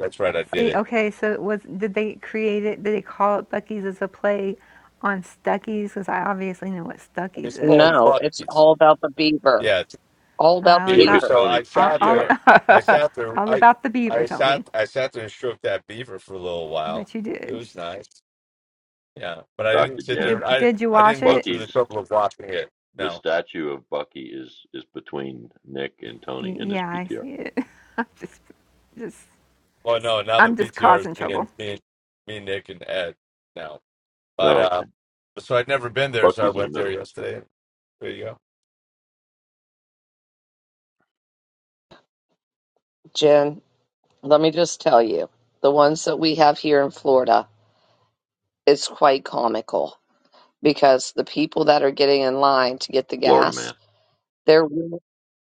That's right, I did
See,
it.
okay, so it was did they create it? Did they call it Bucky's as a play on Stuckey's? Because I obviously know what Stuckey's
It's called
is.
No, it's
Bucky's.
all about the beaver.
Yeah,
All about
Oh,
the
it's
Look
beaver.
all
at
beaver.
So I
Tony's
all
sat
all,
there.
PTR,
I sat there.
all
I
about the beaver,
I
Tony.
sat. I sat there and stroked that beaver for a little
I
while.
bet you
It
did.
was nice. Yeah, but I didn't
Dr.
sit
Did
Jen.
you
there. I
did you
I
wash
didn't go
it?
through the
Bucky's,
trouble of watching it.
the
No.
statue of Bucky is, is between Nick and Tony
Y-
in his
yeah, I
PTR.
see it. I'm just just
Well, no. Now the
I'm just
PTR is
causing
me
trouble.
and me, and me, Nick, and Ed. Now,
Oh,
but uh,
okay.
so I'd never been there, so I
Bucky's in the
went there
middle,
yesterday. There you go.
Jen, let me just tell you, the ones that we have here in Florida, it's quite comical because the people that are getting in line to get the
Florida man.
gas, they're will-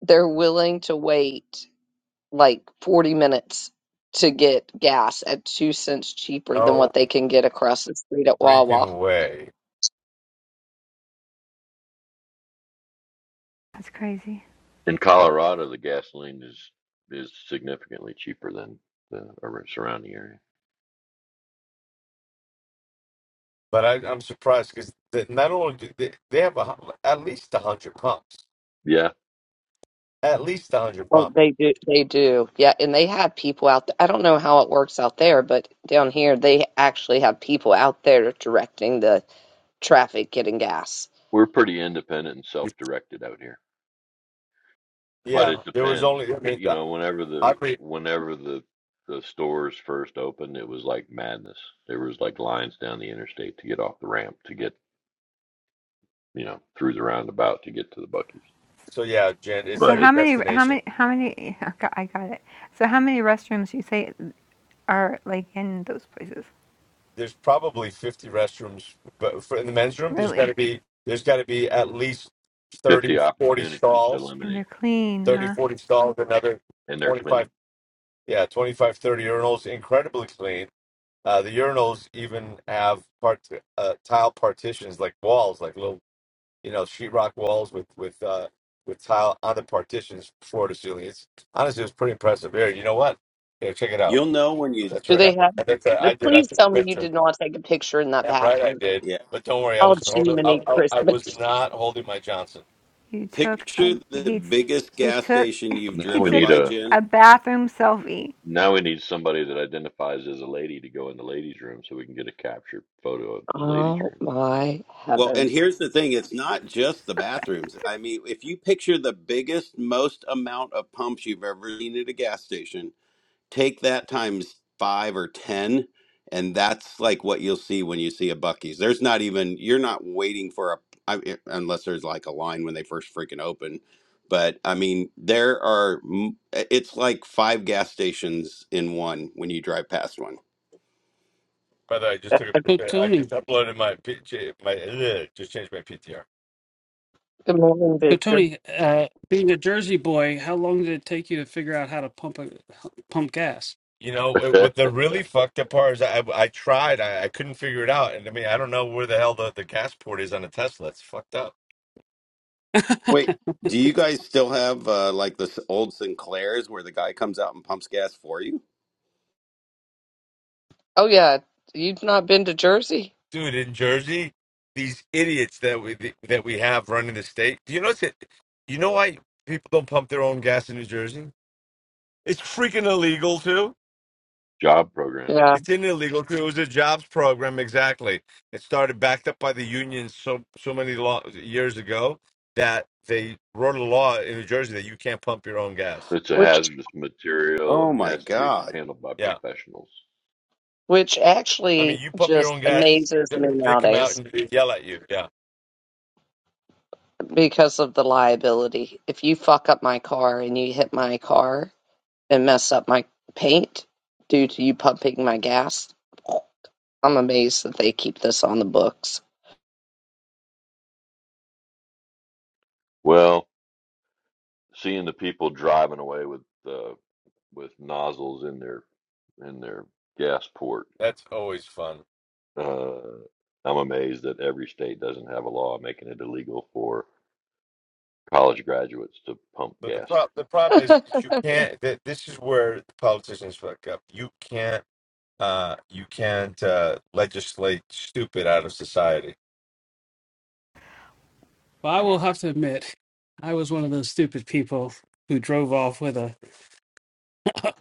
they're willing to wait like 40 minutes to get gas at two cents cheaper than
No
what they can get across the street at Wawa.
freaking way.
That's crazy.
In Colorado, the gasoline is is significantly cheaper than the surrounding area.
But I, I'm surprised because not only do they, they have a, hu- at least a hundred pumps,
Yeah,
at least a hundred
Oh,
pumps.
they do. They do. Yeah, and they have people out there. I don't know how it works out there, but down here they actually have people out there directing the traffic getting gas.
we're pretty independent and self-directed out here. but
Yeah,
it
there was
depends.
only, I mean,
You
I
know, whenever
I
the
mean,
whenever the the stores first opened, it was like madness. There was like lines down the interstate to get off the ramp to get you know through the roundabout to get to the Bucky's.
so yeah, Jen, it's
So
But
like a
how
it,
many how
destination.
many how many? I got, I got it. So how many restrooms you say are like in those places?
There's probably 50 restrooms, but for in the men's room, there's got to
Really?
be there's got to be at least
fifty
30, 40
opportunities to
stalls,
And they're
eliminate.
clean,
Yeah,
30,
huh?
40 stalls, another
and they're
25,
clean.
yeah, 25, 30 urinals, incredibly clean. Uh, the urinals even have part uh, tile partitions, like walls, like little you know, sheetrock walls with with uh, with tile on the partitions, floor to ceiling. It's honestly, it's pretty impressive. Here, you know what? Here, check it out.
You'll know when you
That's
Do
right. I,
they have?
I think that I did. I
Please
took
tell
a
me you
picture.
did not take a picture in that
Damn right, I
bathroom.
did.
yeah.
But don't worry, I
Oh,
was holding.
Jiminy
I, I, I was
Christmas.
not holding my Johnson.
You took a
Picture the
he t-
biggest
he
gas
took
station
But
you've
he
now we
driven
took
need
by,
a
Jen.
a bathroom selfie.
now we need somebody that identifies as a lady to go in the ladies' room so we can get a captured photo of the ladies'
Oh,
room.
my
Well, and
heavens.
here's the thing, it's not just the bathrooms. I mean, if you picture the biggest, most amount of pumps you've ever seen at a gas station, take that times five or ten and that's like what you'll see when you see a bucky's there's not even you're not waiting for a I, I- unless there's like a line when they first freaking open but i mean there are m- eh, it's like five gas stations in one when you drive past one
By the way, I just took.
So
A, I just
Tony,
uploaded my PJ. My ugh, just changed my PTR.
Good morning,
so
Victor.
Tony, uh, being a Jersey boy, how long did it take you to figure out how to pump a, pump gas?
You know what what the really fucked up part is? I I tried. I, I couldn't figure it out. And I mean, I don't know where the hell the, the gas port is on a Tesla. It's fucked up.
well,
wait do you guys still have uh, like the s- old sinclairs where the guy comes out and pumps gas for you
Oh, yeah. You've not been to Jersey?
dude in Jersey, these idiots that we that we have running the state. Do you notice it? You know why people don't pump their own gas in New Jersey? It's freaking illegal too.
Job program.
Yeah.
It's an illegal too. It was a jobs program exactly. It started backed up by the unions so so many lo- years ago that they wrote a law in New Jersey that you can't pump your own gas.
It's a
Which,
hazardous material
oh
and
my
has to be
god
handled by
Yeah,
professionals.
which
I mean
actually
you pump your
just
own gas,
amazes
they
me
they come
nowadays.
out and yell at you. Yeah,
because of the liability. If you fuck up my car and you hit my car and mess up my paint due to you pumping my gas, I'm amazed that they keep this on the books.
Well, seeing the people driving away with uh, with nozzles in their in their gas port,
that's always fun.
uh, I'm amazed that every state doesn't have a law making it illegal for college graduates to pump
But the
gas.
problem the problem is is you can't. That this is where the politicians fuck up. You can't. Uh, you can't uh, legislate stupid out of society.
I will have to admit, I was one of those stupid people who drove off with a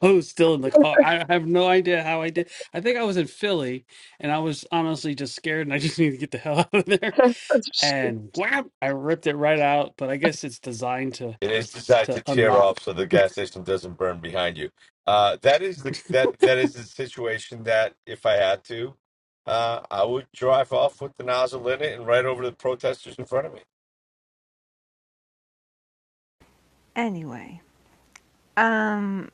hose still in the car. I have no idea how I did. I think I was in Philly, and I was honestly just scared, and I just needed to get the hell out of there. And whap, I ripped it right out. But I guess it's designed to
It is designed to
to
tear off
unlock.
so the gas station doesn't burn behind you. Uh, that is the that that is the situation that if I had to, uh, I would drive off with the nozzle in it and right over the protesters in front of me.
Anyway, um,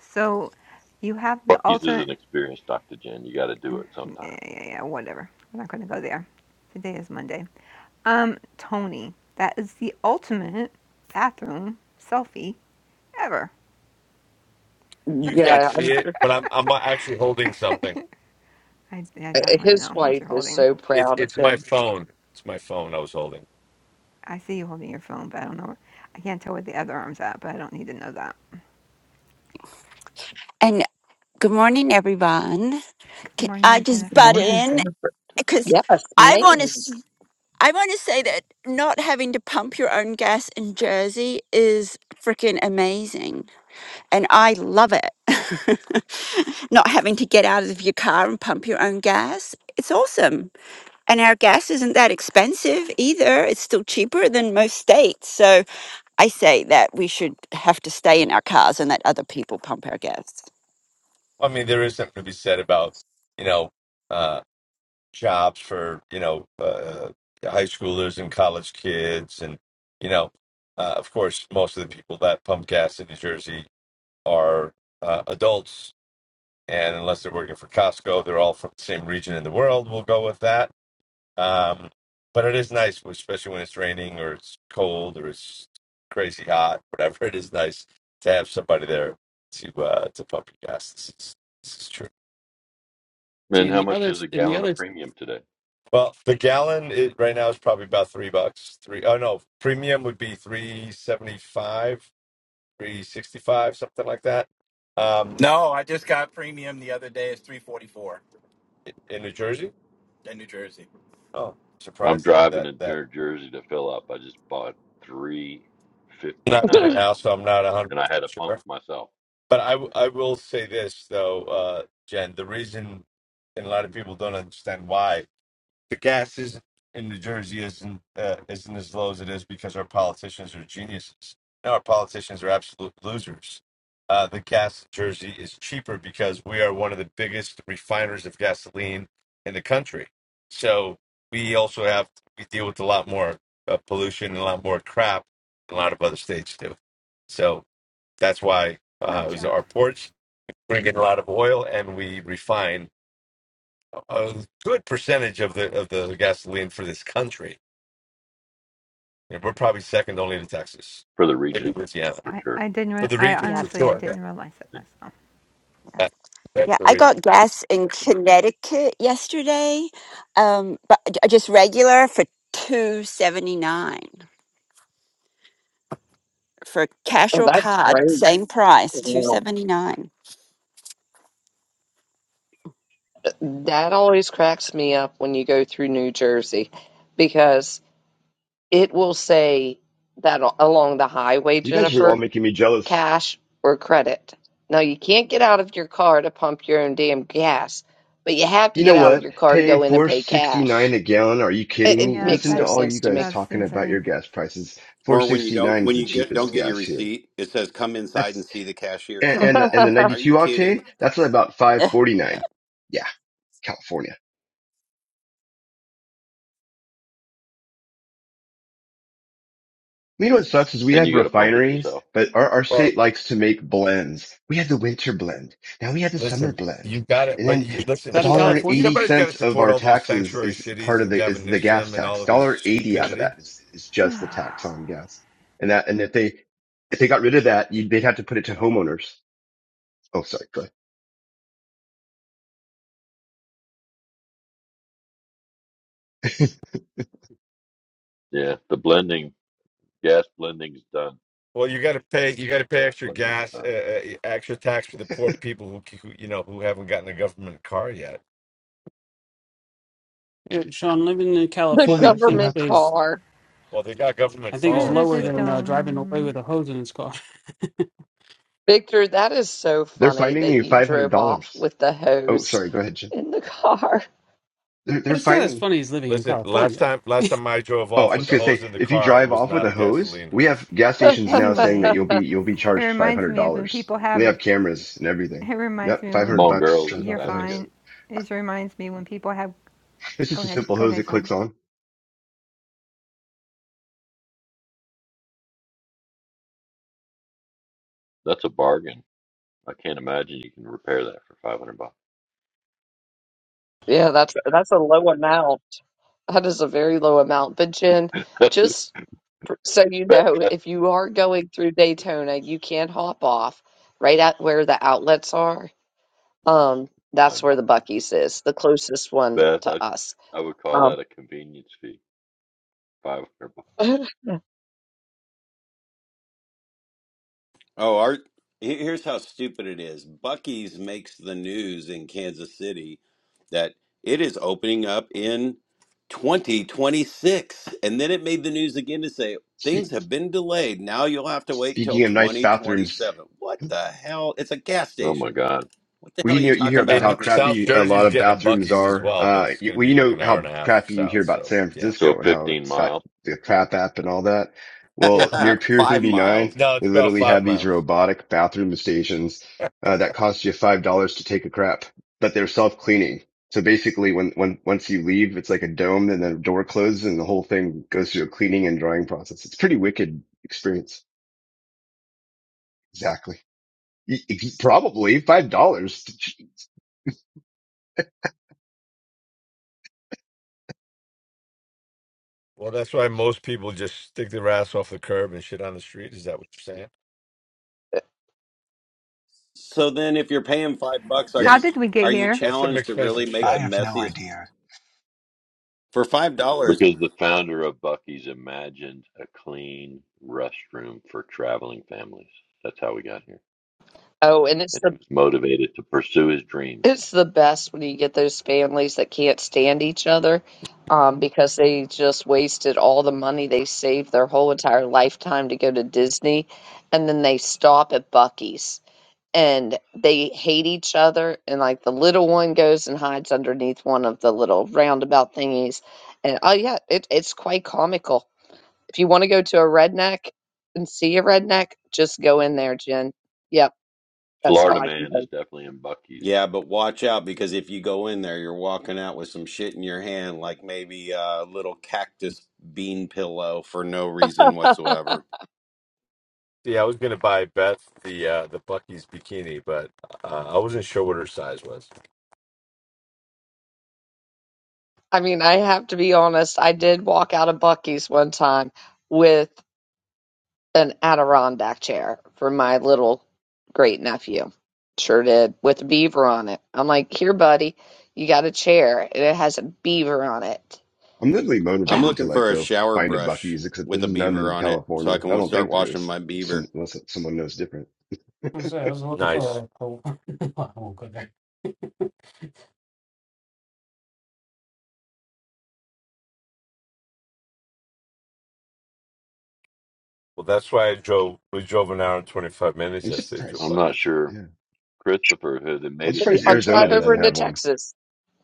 so you have the
Bucky's is an
alternate.
experience, Dr. Jen. You got to do it sometime.
Yeah, yeah, yeah. Whatever. We're not going to go there. Today is Monday. Um, Tony, that is the ultimate bathroom selfie ever.
You can't
Yeah,
see
I'm
it,
sure.
but I'm I'm actually holding something.
I, I
uh,
don't want to
His
know what
wife
you're
is
holding.
so
It's
proud of
it's my
him.
phone. It's my phone I was holding.
I see you holding your phone, but I don't know. I can't tell where the other arm's at, but I don't need to know that.
And good morning, everyone.
Good
Can I
morning,
just
Jennifer.
butt
Morning,
in
Jennifer.
because
Yes,
I want
man.
to. I want to say that not having to pump your own gas in Jersey is freaking amazing, and I love it. not having to get out of your car and pump your own gas, it's awesome. And our gas isn't that expensive either. It's still cheaper than most states. So I say that we should have to stay in our cars and let other people pump our gas.
I mean, there is something to be said about, you know, uh, jobs for, you know, uh, high schoolers and college kids. And, you know, uh, of course, most of the people that pump gas in New Jersey are uh, adults. And unless they're working for Costco, they're all from the same region in the world. We'll go with that. Um, but it is nice, especially when it's raining or it's cold or it's crazy hot, whatever. It is nice to have somebody there to uh, to pump your gas. This is, this is true.
See,
And
in
how
the
much
other
is a
in the
gallon
other,
of
is
premium today?
Well, the gallon it, right now is probably about three bucks. Three oh no, premium would be three seventy five, three sixty five, something like that. Um,
No, I just got premium the other day. It's three forty four
in New Jersey.
in New Jersey.
Oh,
I'm
surprised that
driving
that
to
that
Jer- Jersey to fill up. I just bought three fifty
not there
nine,
now,
oh,
so I'm not hundred
and I had to
percent
pump
sure.
myself
But I w- I will say this though, uh, Jen, the reason and a lot of people don't understand why the gas is in New Jersey isn't uh, isn't as low as it is because our politicians are geniuses. No, our politicians are absolute losers. Uh, the gas in Jersey is cheaper because we are one of the biggest refiners of gasoline in the country. So we also have we deal with a lot more uh, pollution and a lot more crap than a lot of other states do. So that's why uh, it
Gotcha.
was our ports bring in a lot of oil and we refine a good percentage of the of the gasoline for this country. You know, we're probably second only to Texas,
for the
maybe
region
Louisiana,
for
I,
sure.
I didn't.
for
Re-
the
I
region
Yeah.
for
honestly, I
sure. Yeah.
didn't realize that. So
That- that's
Yeah,
the
I got
region.
gas in Connecticut yesterday, um, but j- uh, just regular for two seventy nine for cash or
that's
card,
great.
same price, two
Wow.
seventy nine.
That always cracks me up when you go through New Jersey because it will say that a- along the highway,
You guys are all
Jennifer.
making me jealous.
cash, or credit. Now, you can't get out of your car to pump your own damn gas, but you have to
You
get
know
out of
what?
your car to
Paying
go in and
four
pay
sixty nine
cash.
a gallon? Are you
It,
kidding
it
me?
yeah,
makes
Listen
no
to
that's
all you
sense to
guys
me.
that's
talking about your
insane.
gas prices. Four
Or when you
sixty
don't
nine is
when
the
you get don't
cheapest
get your
gas here.
receipt, it says come inside and
That's
see the cashier.
and
Come
and the, and the
on.
ninety
Are you
two
kidding?
octane. That's about five forty nine. Yeah, California. You know what sucks is we
And
have
you got to pump it
refineries,
yourself.
but our, our
Well,
state likes to make blends. We had the winter blend. Now we have the summer
listen,
blend.
you got it,
And
but
then
you, listen,
a
that in
dollar
somebody
California.
eighty
somebody's got to
cents of
support
our
all those
taxes
sanctuary
is part
cities
of
and
the, is
Gavin
the gas
Newsom and all
tax.
of his
Dollar eighty out of that
stupidity.
is, is just the tax on gas. And that, and if they, if they got rid of that, you, they'd have to put it to homeowners. Oh, sorry. Go ahead.
Yeah, the blending, gas blending is done.
Well, you got to pay you got to pay
Gas
extra
blending is
gas, uh,
done.
uh, extra tax for the poor people who, who you know who haven't gotten a government car yet.
Yeah, Sean, living in
The
Holy
California, I think
government
crap.
is
car.
Well, they got government
I think is
phones,
lower
so.
than uh, driving away with
Dum.
a hose in his car.
Victor, that is so
They're
funny
fining
that
you
you drove off
$500.
with the
Oh,
hose
sorry. Go ahead, Jim.
in the car.
They're,
But
they're
it's not as
fining.
funny as living in
Listen, last
California.
time last time I drove
Oh,
off
i
with
just
the
gonna say,
hose in the
if you
car, it
drive
was
off with
not
a
a
hose,
gasoline
we have
hose.
gas stations now saying that
Anyway,
you'll be you'll be
it
charged five
reminds
hundred
me of when
dollars.
people
They
have.
have cameras and everything.
It reminds
Yep,
me
five
when
Come
hundred
on,
bucks
girls,
driving
it's
you're
off the
time to go.
hose.
fine. It reminds me when people have.
It's
Go
just a
ahead.
simple
Go
hose
ahead,
that clicks
Sean.
on.
That's a bargain. I can't imagine you can repair that for 500 bucks.
Yeah, that's that's a low amount. That is a very low amount. But Jen,
That's a,
just f- so you
Beth,
know,
that's
if you are going through Daytona, you can hop off right at where the outlets are Um, that's
fine.
where the Bucky's is, the closest one
Beth,
to
I,
us.
I would call
Um,
that a convenience fee. 500 bucks.
oh,
Oh, our he- here's how stupid it is. Bucky's makes the news in Kansas City that it is opening up in 2026. And then it made the news again to say
Spe-
things have been delayed. Now you'll have to wait till
Speaking of nice bathrooms,
2027. What the hell? It's a gas
Oh my
station.
God.
What the hell
We
are
you
you
know, you
talking
hear
about
about
it
how
And
on the news
South
crappy
for?
a
Jersey
lot
is
of
getting a
bathrooms
Bucky's as
are.
well, but
Uh,
it's
you,
going to
well,
be
you
like
know
an hour and
how
a half
crappy you hear
south.
about
So
San
yeah,
So
Francisco and how
15
it's got
miles.
the crap app and all that.
yeah.
Well, near Pier
5 miles.
39,
No, it's
they
about
literally
five
have these
miles.
robotic bathroom stations, uh, that cost you $5 to take a crap, but they're self-cleaning. So basically when, when, once you leave, it's like a dome and then the door closes and the whole thing goes through a cleaning and drying process. It's a pretty wicked experience. Exactly. Y- y- Probably $5.
Well, that's why most people just stick their ass off the curb and shit on the street. Is that what you're saying?
So then, if you're paying five bucks, are
How
Yes.
you
did we get
are you
here?
That's some
challenged to really
expensive
make the
I
shit.
have no
messiest
idea.
for five dollars?
Because the founder of Bucky's imagined a clean restroom for traveling families. That's how we got here.
and it's
And he
the
was motivated to pursue his dream.
it's the best when you get those families that can't stand each other, um, because they just wasted all the money they saved their whole entire lifetime to go to Disney, and then they stop at Bucky's and they hate each other. And like the little one goes and hides underneath one of the little roundabout thingies, and oh yeah, it, it's quite comical If you want to go to a redneck and see a redneck, just go in there, Jen. Yep, that's all
Florida
I can
man is
tell
definitely in Bucky's.
Yeah, but watch out because if you go in there, you're walking out with some shit in your hand, like maybe a little cactus bean pillow for no reason whatsoever.
See, I was going to buy Beth the uh, the Bucky's bikini, but uh, I wasn't sure what her size was.
I mean, I have to be honest, I did walk out of Bucky's one time with an Adirondack chair for my little great nephew. Sure did, with a beaver on it. I'm like, here, buddy, you got a chair and it has a beaver on it.
I'm literally
I'm
Yeah.
motivated to
looking
like
for a
go
shower
find a
brush
Bucky's, except
with a
there's none
beaver
in
on it, so I
California. I
can
don't
start
think there
washing
is.
my beaver.
Some, unless someone knows different.
I was, I was looking
Nice.
for a. a I won't go there.
Well, that's why I drove. We drove an hour and twenty five minutes
I'm
yesterday to a
I'm
surprised.
not
Bucky's.
sure.
Yeah.
Christopher, have they
I'm
made it to
Hey,
surprised
I'll
Arizona
Utah
drive
yet?
over
doesn't
into
have one.
Texas.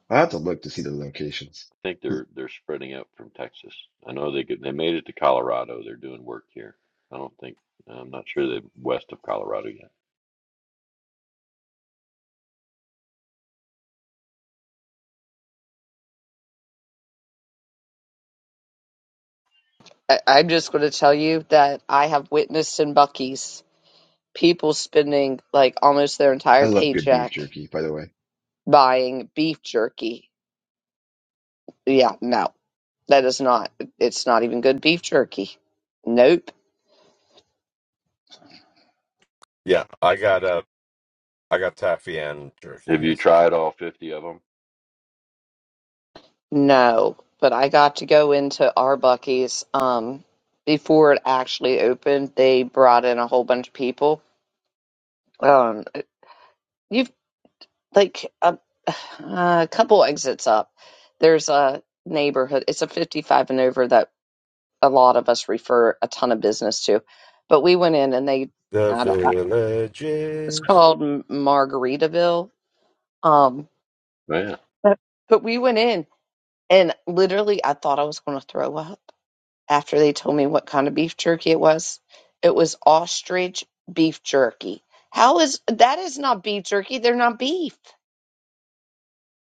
I'll have to look to see the locations.
I think
Hmm.
they're they're spreading out from Texas. I know they get, they made it to Colorado. They're doing work here. I don't think I'm not sure they're west of Colorado yet.
I- I'm just going to tell you that I have witnessed in Bucky's people spending like almost their
I
entire
love good beef
paycheck
jerky, by the way.
buying beef jerky. Yeah, no, that is not, it's not even good beef jerky. Nope,
Yeah, I got a. I got taffy and jerky.
Have you
Yes, that's right.
tried all 50 of them?
no. But I got to go into Arbucky's um, before it actually opened. They brought in a whole bunch of people. Um, you've like a, a couple exits up. There's a neighborhood. It's a 55 and over that a lot of us refer a ton of business to. But we went in and they,
The
I don't, know, it's
villages.
called M- Margaritaville. Um,
Oh, yeah,
but, but we went in and literally I thought I was going to throw up after they told me what kind of beef jerky it was. It was ostrich beef jerky. How is that is not beef jerky. They're not beef.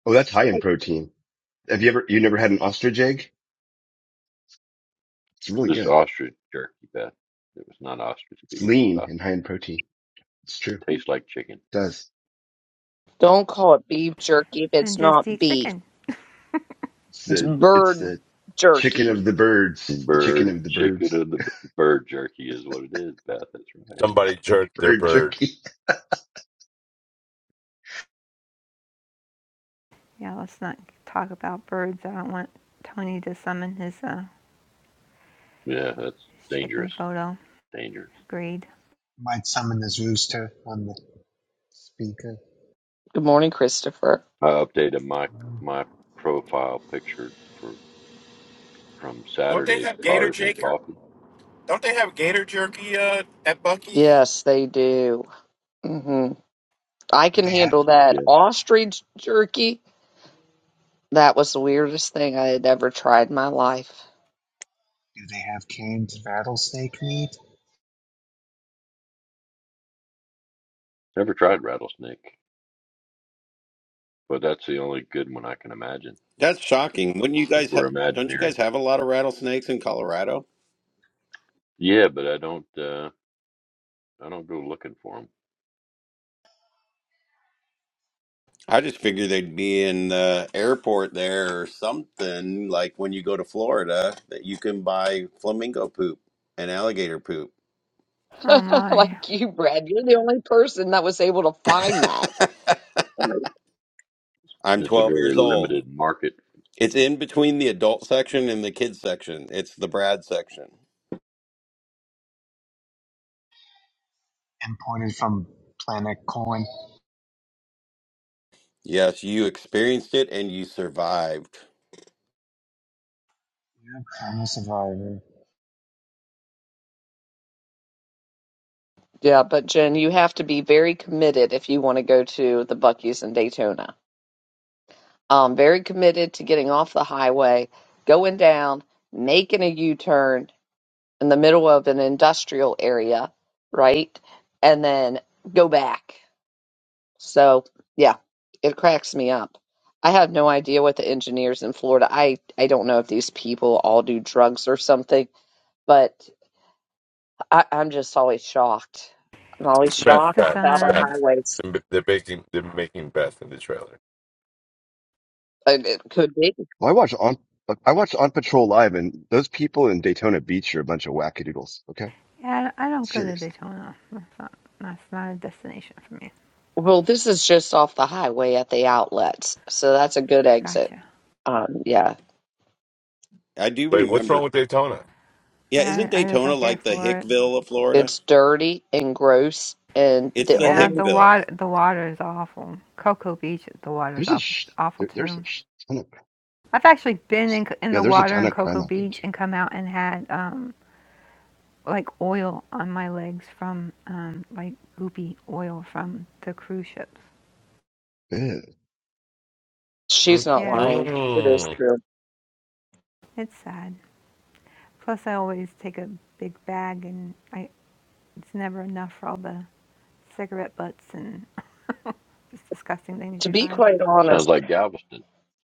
Oh, that's high in protein. Have you ever, you never had an ostrich egg? It's really
just
good.
ostrich jerky, Beth. It was not ostrich
It's
beef. It's
lean
ostrich.
and high in protein. It's true. It
Tastes like chicken.
does.
Don't call it beef jerky if it's
And
not
just eat
beef.
chicken.
It's
It's
the, it's
bird
the chicken of
jerky.
the birds. The chicken
Bird
of the
chicken
birds.
and the b- bird jerky is what it is, Beth. That's right.
Somebody jerked their
Bird
bird.
jerky.
Yeah, let's not talk about birds. I don't want Tony to summon his uh
Yeah, that's
his chicken
dangerous.
photo.
Dangerous.
Agreed.
Might summon this rooster on the speaker.
Good morning, Christopher.
I updated my
Hmm.
my profile picture for. from
Don't they
Saturday's
have gator
Cars and
jerky?
Coffee.
Don't they have gator jerky uh, at Bucky's?
Yes, they do. Mm-hmm. I
Do
can
they have
handle that.
Yeah.
Ostrich jerky, that was the weirdest thing I had ever tried in my life.
Do they have canned rattlesnake meat
Never tried rattlesnake, but that's the only good one I can imagine
That's shocking. Wouldn't you
since
guys? Ha-
we're
don't you
Imagineering.
guys have a lot of rattlesnakes in Colorado?
Yeah, but I don't uh I don't go looking for them.
I just figured they'd be in the airport there or something, like when you go to Florida, that you can buy flamingo poop and alligator poop.
Oh my.
Like you, Brad, you're the only person that was able to find that.
I'm
It's a
12
very
years old.
limited market.
It's in between the adult section and the kids section. It's the Brad section.
imported from Planet Corn?
Yes, you experienced it and you survived.
Yeah, I'm a survivor.
Yeah, but Jen, you have to be very committed if you want to go to the Bucky's in Daytona. Um, very committed to getting off the highway, going down, making a U-turn in the middle of an industrial area, right? And then go back. So, yeah, it cracks me up. I have no idea what the engineers in Florida, I, I don't know if these people all do drugs or something, but I, I'm just always shocked. I'm always
It's
It's
Beth.
it's
shocked
the
Beth. It's
about our
sun.
Beth.
highways.
They're they're making, they're making Beth in the trailer.
And it could be.
Well, I watched on like, I watched On Patrol live, and those people in Daytona Beach are a bunch of wackadoodles. Okay,
Yeah, I don't go to
serious.
Daytona. That's not that's not a destination for me.
Well, this is just off the highway at the outlets, so that's a good exit.
Gotcha.
Um, yeah,
I do
Wait, what's
remember.
wrong with Daytona?
Yeah, isn't
I I just
Daytona
don't care
like the
for it.
Hickville of Florida?
it's dirty and gross, and
It's
the
the
Yeah,
only,
the
Hickville.
water the water is awful. Cocoa Beach, the water's
There's a
awful
sh-
awful
there, there's a
too.
sh- ton of
I've actually been in in
yeah,
the
there's a
water
ton
in
of crime
Cocoa
out there
Beach and come out and had um like oil on my legs from um like goopy oil from the cruise ships.
too. Ugh.
Mm.
she's not
Yeah,
lying. It is
mm.
true.
it's sad. Plus, I always take a big bag and I it's never enough for all the cigarette butts and Just disgusting things
To
you
be
find.
quite honest,
Sounds like Galveston.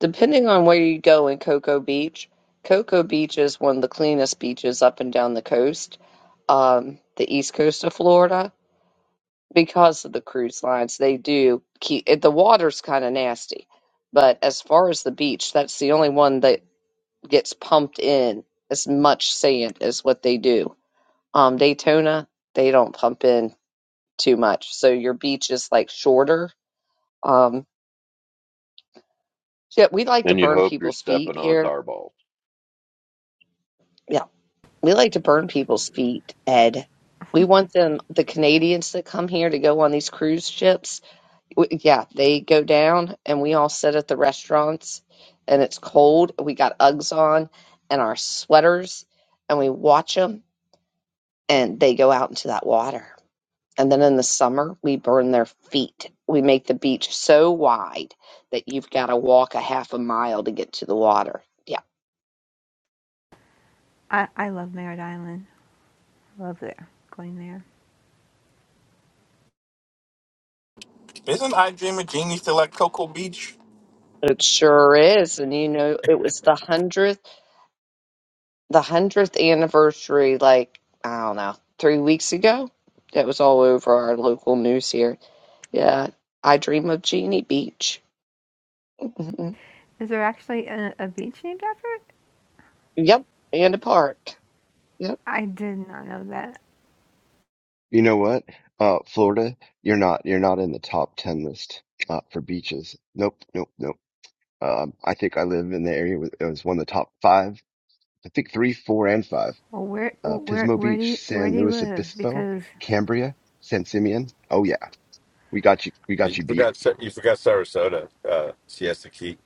Depending on where you go in Cocoa Beach, Cocoa Beach is one of the cleanest beaches up and down the coast, um, the east coast of Florida, because of the cruise lines. They do keep it, the water's kind of nasty, but as far as the beach, that's the only one that gets pumped in as much sand as what they do. Um, Daytona, they don't pump in too much, so your beach is like shorter. Um, yeah, we like to
And you
burn
hope you're
people's feet
stepping on
here.
tar balls.
Yeah. We like to burn people's feet, Ed. We want them, the Canadians that come here to go on these cruise ships. w yeah, they go down and we all sit at the restaurants and it's cold. We got Uggs on and our sweaters and we watch them and they go out into that water. And then in the summer, we burn their feet. We make the beach so wide that you've got to walk a half a mile to get to the water. Yeah,
I, I love Merritt Island. Love there. Going there.
Isn't I Dream of Genie still at Cocoa Beach?
it sure is. And you know, it was the 100th. the hundredth anniversary, like I don't know, three weeks ago. It was all over our local news here. Yeah, I dream of Jeannie Beach. Mhm.
Is there actually a, a beach named after it?
Yep, and a park. Yep,
I did not know that.
You know what? Uh, Florida, you're not you're not in the top ten list uh, for beaches. Nope, nope, nope. Um, I think I live in the area with it was one of the top five. I think three, four, and five.
Well, where
Uh,
where
Pismo
where do you
Beach,
where
San
do you
Luis
live?
Obispo,
Because
Cambria, San Simeon. Oh yeah, we got you. We got
You
you beat.
forgot. Sa- You forgot Sarasota, uh, Siesta Key,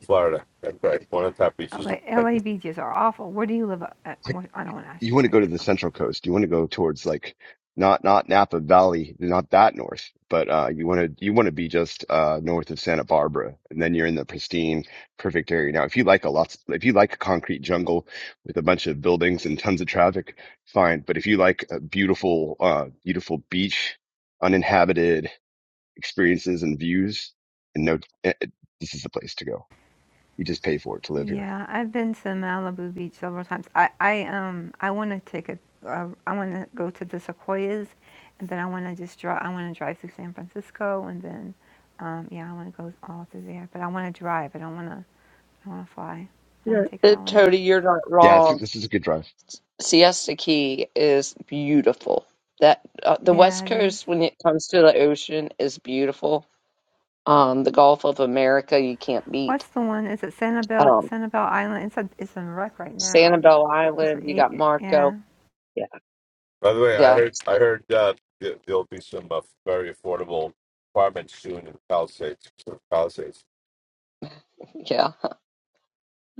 Florida. That's right. One of the top beaches.
LA, beaches are awful. Where do you live? At? I don't want to ask
you
you
want to
where
go to
you live.
the central coast. You want to go towards like not not Napa Valley, not that north, but uh, you want to you want to be just uh, north of Santa Barbara, and then you're in the pristine, perfect area. Now, if you like a lot, if you like a concrete jungle with a bunch of buildings and tons of traffic, fine. But if you like a beautiful, uh, beautiful beach, uninhabited experiences and views, and no, eh, eh, this is the place to go. You just pay for it to live here.
Yeah, I've been to Malibu Beach several times. I I um I want to take a uh, I want to go to the Sequoias, and then I want to just drive. I want to drive through San Francisco, and then um yeah, I want to go all through there. But I want to drive. I don't want to. I want to fly. I
Yeah,
want
are
to take it
uh,
all in.
Tony, you're not
Yeah, it's,
wrong.
this is a good drive.
Siesta Key is beautiful. That uh, the
Yeah,
West
it is.
Coast, when it comes to the ocean, is beautiful. Um, the Gulf of America, you can't beat.
What's the one? Is it Sanibel
Um,
Sanibel Island? It's a it's a wreck right now.
Sanibel
It's
Island, you
a,
got Marco.
yeah.
Yeah,
By the way, I
yeah,
heard. I heard uh, there- there'll be some uh, very affordable apartments soon in Palisades. Palisades.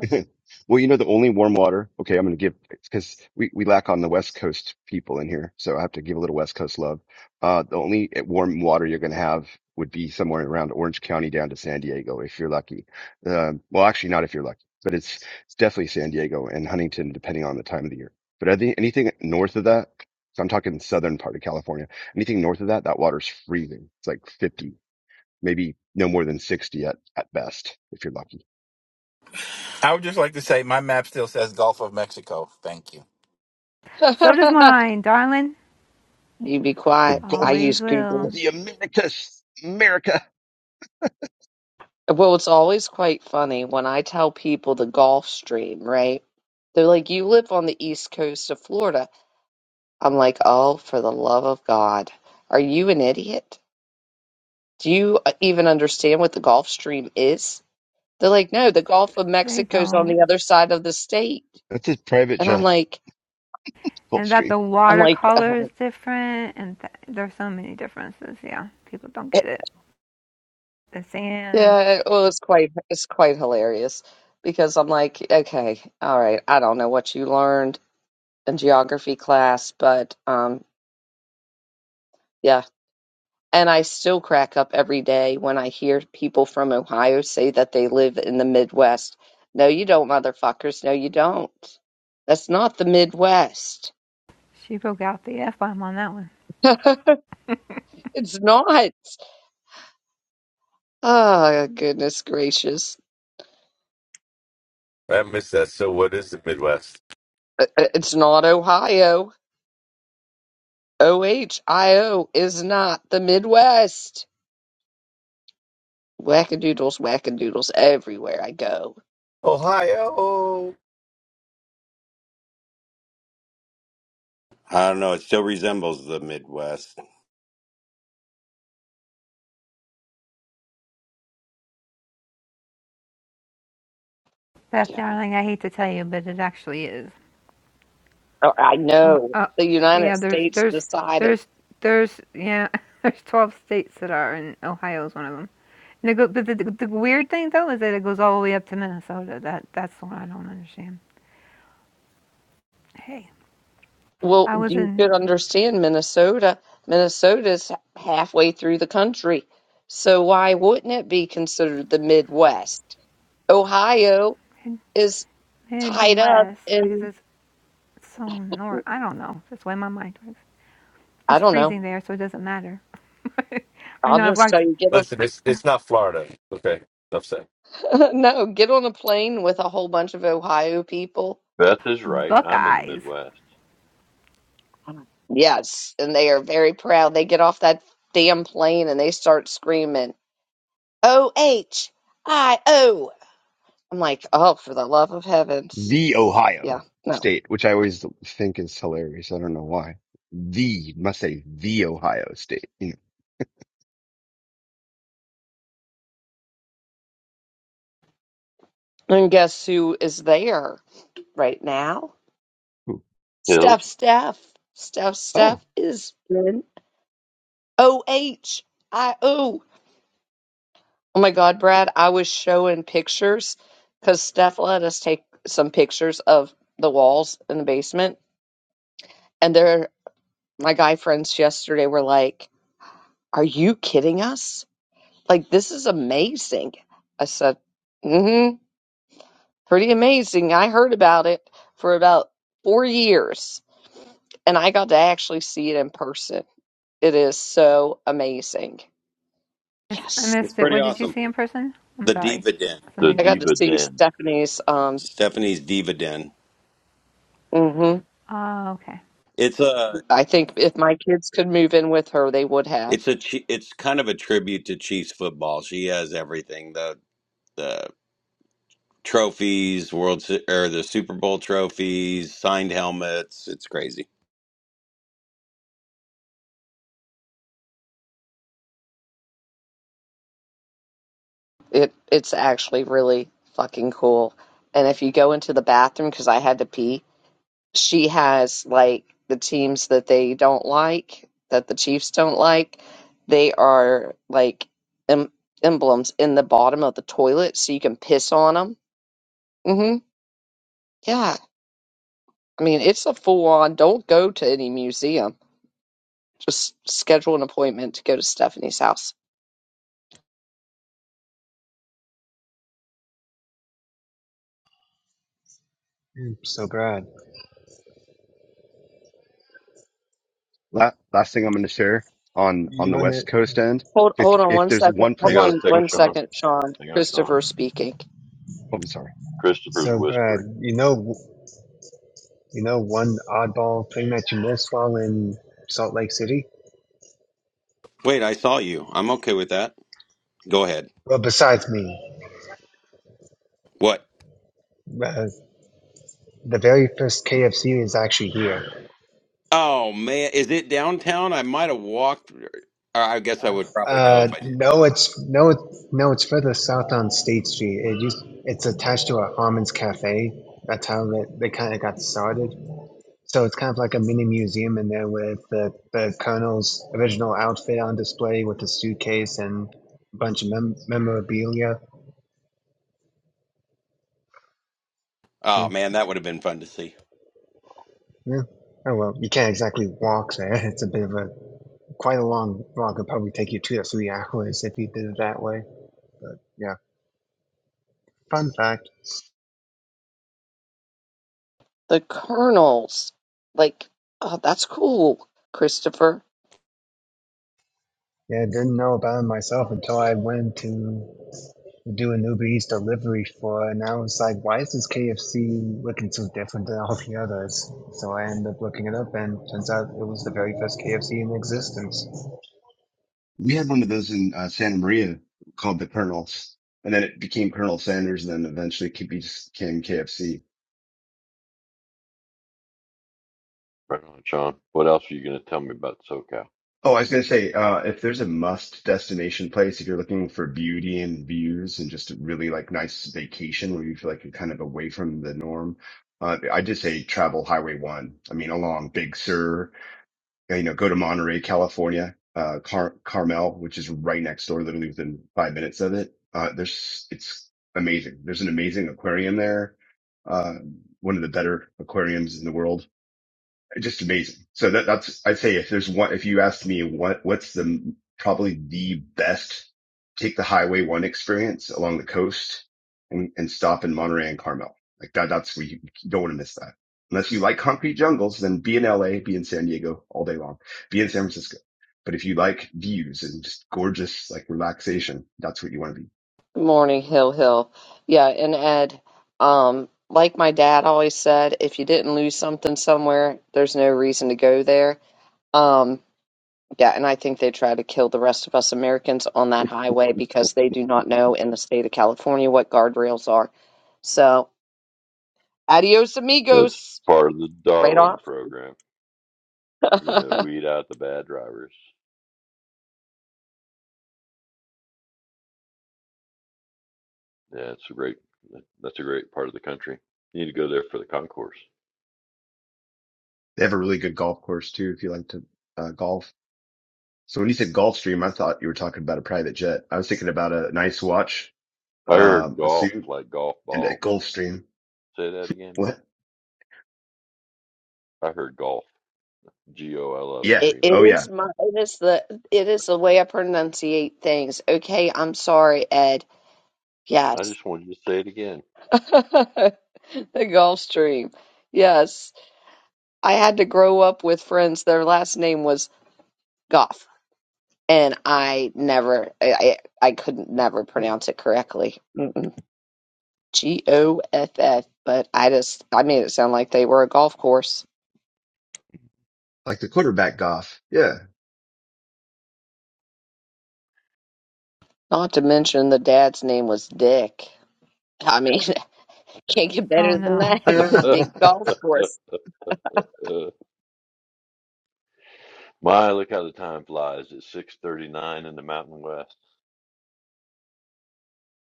Well, you know, the only warm water. Okay, I'm going to give because we, we lack on the West Coast people in here, so I have to give a little West Coast love. Uh, the only warm water you're going to have would be somewhere around Orange County down to San Diego if you're lucky. Um, well, actually, not if you're lucky, but it's it's definitely San Diego and Huntington, depending on the time of the year. But I think anything north of that, so I'm talking southern part of California, anything north of that, that water's freezing. It's like 50, maybe no more than 60 at, at best if you're lucky.
I would just like to say my map still says Gulf of Mexico. Thank you.
So does
yeah.
mine, darling.
You be
The
quiet. I
Gulf
Always
use
will.
Google.
the Americas, America.
Well, it's always quite funny when I tell people the Gulf Stream, right? They're like, you live on the east coast of Florida. I'm like, oh, for the love of God. Are you an idiot? Do you uh, even understand what the Gulf Stream is? They're like, no, the Gulf of
They
Mexico's on
don't.
the other side of the state.
That's his private
And I'm
jet
like,
and that
gulfstream.
the
I'm like,
watercolor is different and th- there's so many differences yeah people don't get it the sand
yeah, well, it's quite it's quite hilarious because I'm like, okay, all right, I don't know what you learned a geography class, but um, yeah. And I still crack up every day when I hear people from Ohio say that they live in the Midwest. No, you don't, motherfuckers. No, you don't. That's not the Midwest.
she broke out the f-bomb on that one
it's not. Oh, goodness gracious.
I missed that. So, what is the Midwest?
I- I- It's not Ohio. OHIO is not the Midwest. Wackadoodles, wackadoodles everywhere I go.
Ohio.
I don't know. It still resembles the Midwest.
that's the
Yeah.
only thing i hate to tell you but it actually is
Oh, I
oh
know.
uh,
The
yeah
United
there's
States
there's
decided.
there's there's yeah there's 12 states that are and ohio is one of them and it go, but the, the, the weird thing though is that it goes all the way up to minnesota that that's the one i don't understand hey
Well,
i was
you
in,
should understand Minnesota. Minnesota's halfway through the country. So why wouldn't it be considered the Midwest? Ohio
in
is tied up
midwest because
in,
it's So north. I don't know. That's the way my mind works.
I
It's
don't know.
freezing there, so it doesn't matter. I
I'll
know I've
just tell
walked
you, get
Listen, it's it's not Florida. Okay, enough said.
on, no, get on a plane with a whole bunch of Ohio people.
Beth is right. I'm in the
Buckeyes.
Midwest.
Yes, and they are very proud. They get off that damn plane and they start screaming, O H I O. I'm like, oh, for the love of heavens.
The
Yeah,
Ohio
no.
State, which I always think is hilarious. I don't know why. The must say the Ohio State. You
And guess who is there right now?
know.
Hill,
Steph Steph. Steph
Oh,
Steph is in OHIO. Oh my God, Brad, I was showing pictures because Steph let us take some pictures of the walls in the basement. And they're, my guy friends yesterday were like, Are you kidding us? Like, this is amazing. I said, Mm hmm. Pretty amazing. I heard about it for about four years and I got to actually see it in person. It is so amazing.
I
Yes.
It's
missed it.
pretty
What did you
awesome.
see in person? I'm
The
sorry.
Diva Den.
the
I
Something.
got to
diva
see
den.
Stephanie's um
Stephanie's Diva Den.
hmm
Oh, okay.
It's a
I think if my kids could move in with her, they would have.
it's a chi- it's kind of a tribute to Chiefs football. She has everything the the trophies, World Se- or the Super Bowl trophies, signed helmets. It's crazy.
It it's actually really fucking cool. And if you go into the bathroom cuz I had to pee, she has like the teams that they don't like, that the Chiefs don't like, they are like em- emblems in the bottom of the toilet so you can piss on them. Mhm. Yeah, I mean, it's a full on don't go to any museum. Just schedule an appointment to go to Stephanie's house.
Hmm, so bad.
la- last thing I'm going to share on
You
on the
run it
West Coast end.
Hold
If
hold on
if
one
there's
second.
one
Hold
Hang on a
place,
on
oh,
second,
one
couple.
Sean.
second, Sean.
Hang on, Sean.
Christopher speaking.
Oh, I'm sorry.
Christopher's
so bad.
whispering.
You know. You know one oddball thing that you missed while in Salt Lake City.
Wait, I saw you. I'm okay with that. Go ahead.
Well, besides me,
What?
uh, the very first KFC is actually here.
Oh man, is it downtown? I might have walked. Or I guess I would probably know
Uh,
if I did.
no, it's no, it's no, it's further south on State Street. It used, it's attached to a Harmon's Cafe. That's how they, they kind of got started. So it's kind of like a mini museum in there with the, the colonel's original outfit on display with a suitcase and a bunch of mem- memorabilia.
Oh
So,
man, that would have been fun to see.
yeah. Oh well, you can't exactly walk there. It's a bit of a quite a long walk. It'd probably take you two or three hours if you did it that way. But yeah, fun fact.
The Colonels. Like, oh, that's cool, Christopher.
Yeah, didn't know about it myself until I went to do an Uber Eats delivery for it, and I was like, why is this KFC looking so different than all the others? So I ended up looking it up, and turns out it was the very first KFC in existence.
We had one of those in uh, Santa Maria called the Colonels, and then it became Colonel Sanders, and then eventually it became KFC
Right on, Sean. What else are you going to tell me about SoCal?
Oh, I was gonna say, uh, if there's a must destination place, if you're looking for beauty and views and just a really like nice vacation where you feel like you're kind of away from the norm, uh, I just say travel Highway One. I mean, along Big Sur, uh, you know, go to Monterey, California, uh, Car Carmel, which is right next door, literally within five minutes of it. Uh, there's, it's amazing. There's an amazing aquarium there, uh, one of the better aquariums in the world just amazing. So that, that's, I'd say if there's one, if you asked me what, what's the probably the best take the highway one experience along the coast and, and stop in Monterey and Carmel. Like that, that's where you you don't want to miss that. Unless you like concrete jungles, then be in LA, be in San Diego all day long, be in San Francisco. But if you like views and just gorgeous, like relaxation, that's what you want to be.
Good morning, Hill Hill. Yeah, and Ed, um, like my dad always said, if you didn't lose something somewhere, there's no reason to go there. Um, Yeah, and I think they try to kill the rest of us Americans on that highway because they do not know in the state of California what guardrails are. So, adios
That's
amigos,
part of the
right
Darwin
off.
program. We're going to weed out the bad drivers. Yeah, it's a great. That's a great part of the country. You need to go there for the concourse.
They have a really good golf course too. If you like to uh, golf. So when you said Gulfstream, I thought you were talking about a private jet. I was thinking about a nice watch
I heard
um, a
golf,
suit
like golf
and a
ball.
Gulfstream.
Say that again, Matt.
What?
I heard golf, G O L F
Yeah.
it,
stream.
it
Oh yeah.
is my it is the it is the way I pronunciate things. Okay, I'm sorry, Ed.
I
Yes,
just wanted you to say it again.
the Gulf Stream. Yes, I had to grow up with friends. Their last name was Goff, and I never, I I I couldn't never pronounce it correctly. G O F F, but I just I made it sound like they were a golf course.
Like the quarterback Goff. Yeah.
Not to mention the dad's name was Dick. I mean, can't get
Oh
better than
no.
that.
Good
The Dick Golf Course.
My, look how the time flies. It's six thirty-nine in the Mountain West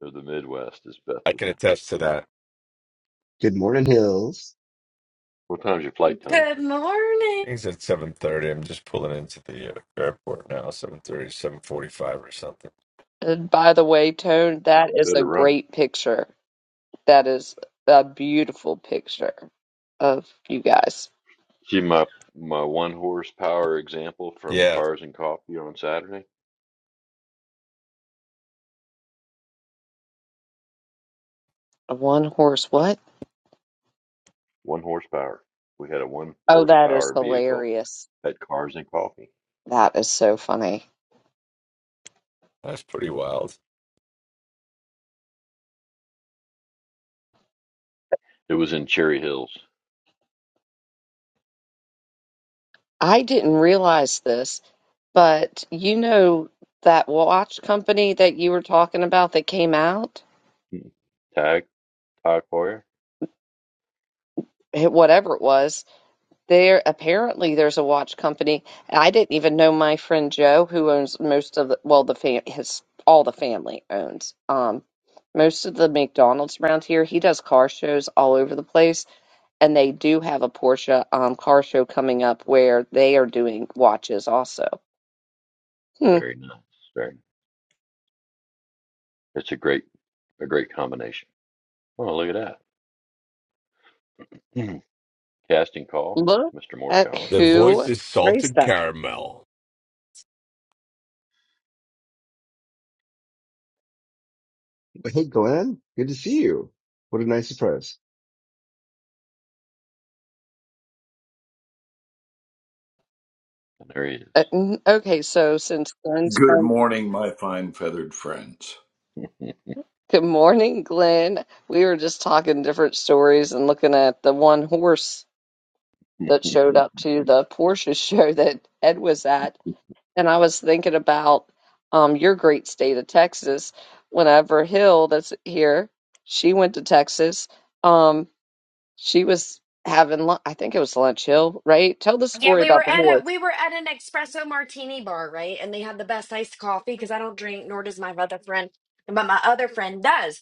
or the Midwest, as Beth
I
would
can
know.
attest to that.
morning, Hills.
What time's your flight, Tony?
Good morning.
Things at seven thirty. I'm just pulling into the uh, airport now. 7.30, 7.45 or something.
And by the way, Tone, that is
Better
a
run.
great picture. That is a beautiful picture of you guys.
See my my one horsepower example from
Yeah,
Cars and Coffee on Saturday.
A one horse what?
One horsepower. We had a one
Oh, that is
horsepower vehicle.
hilarious.
at cars and coffee.
That is so funny.
that's pretty wild.
It was in Cherry Hills.
I didn't realize this. But you know that watch company that you were talking about that came out,
Hmm. Tag Tag Heuer.
Eh, whatever it was, there apparently there's a watch company. I didn't even know my friend Joe, who owns most of the, well, the fam his all the family owns um most of the McDonald's around here. He does car shows all over the place, and they do have a Porsche um car show coming up where they are doing watches also. Hmm.
Very nice. Very. Nice. It's a great a great combination. Oh, look at that. Hmm. Casting call,
Look
Mr.
at
Morshower,
The voice
who.
is
Great
salted
stuff.
caramel.
Well, Hey, Glenn. Good to see you. What a nice surprise.
and there he
Uh, n- Okay, so since Glenn's
Good
from
morning, my fine feathered friends.
Good morning, Glenn. We were just talking different stories and looking at the one horse that showed
is.
up to the Porsche show that Ed was at, and I was thinking about um your great state of Texas. Whenever Hill that's here, she went to Texas. Um, she was having lunch. I think it was lunch. Hill, right? Tell the
Yeah,
story
we were
about the
at
horse.
a we were at an espresso martini bar, right? And they had the best iced coffee because I don't drink, nor does my other friend, but my other friend does.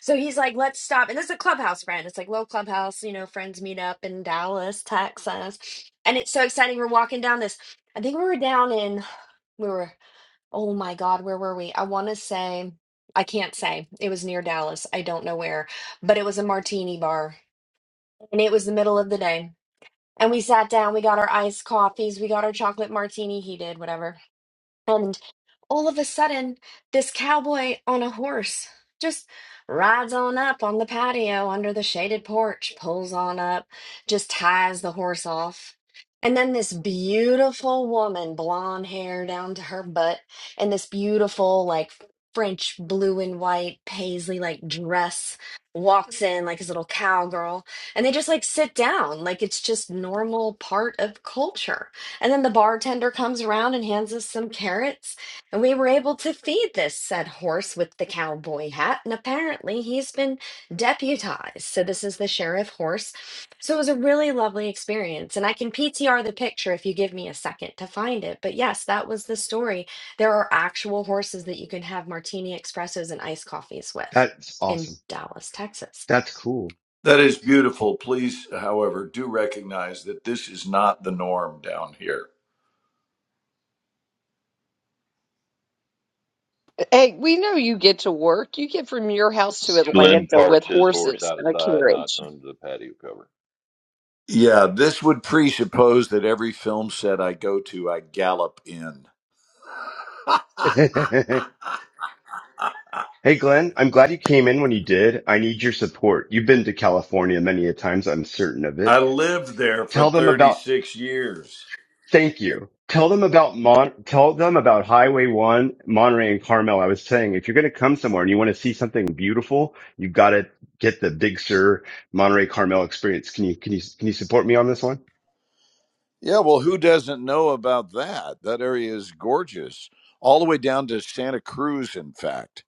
So he's like, "Let's stop." And this is a clubhouse friend. It's like little clubhouse, you know, friends meet up in Dallas, Texas, and it's so exciting. We're walking down this. I think we were down in we were. Oh my God, where were we? I want to say I can't say. It was near Dallas. I don't know where, but it was a martini bar, and it was the middle of the day And we sat down, we got our iced coffees, we got our chocolate martini He did whatever. And all of a sudden, this cowboy on a horse just rides on up on the patio under the shaded porch, pulls on up, just ties the horse off. And then this beautiful woman, blonde hair down to her butt, and this beautiful, like, French blue and white paisley like dress walks in like his little cowgirl and they just like sit down like it's just normal part of culture and then the bartender comes around and hands us some carrots and we were able to feed this said horse with the cowboy hat. And apparently he's been deputized. So this is the sheriff horse. So it was a really lovely experience. And I can PTR the picture if you give me a second to find it. But yes, that was the story. There are actual horses that you can have martini espressos and iced coffees with
That's
in
awesome.
Dallas, Texas.
That's cool.
That is beautiful. Please, however, do recognize that this is not the norm down here.
Hey, we know you get to work. You get from your house to
Glenn
Atlanta with
parks his horse
horses and a
outside, not
carriage.
under the patio cover.
Yeah, this would presuppose that every film set I go to, I gallop in.
hey, Glenn. I'm glad you came in when you did. I need your support. You've been to California many a times. I'm certain of
I
it.
lived there for
Tell them about
36 years.
Thank you. Tell them about Mon- tell them about Highway 1, Monterey and Carmel. I was saying if you're going to come somewhere and you want to see something beautiful, you have got to get the Big Sur Monterey Carmel experience. Can you can you can you support me on this one?
Yeah, well, who doesn't know about that? That area is gorgeous, all the way down to Santa Cruz, in fact.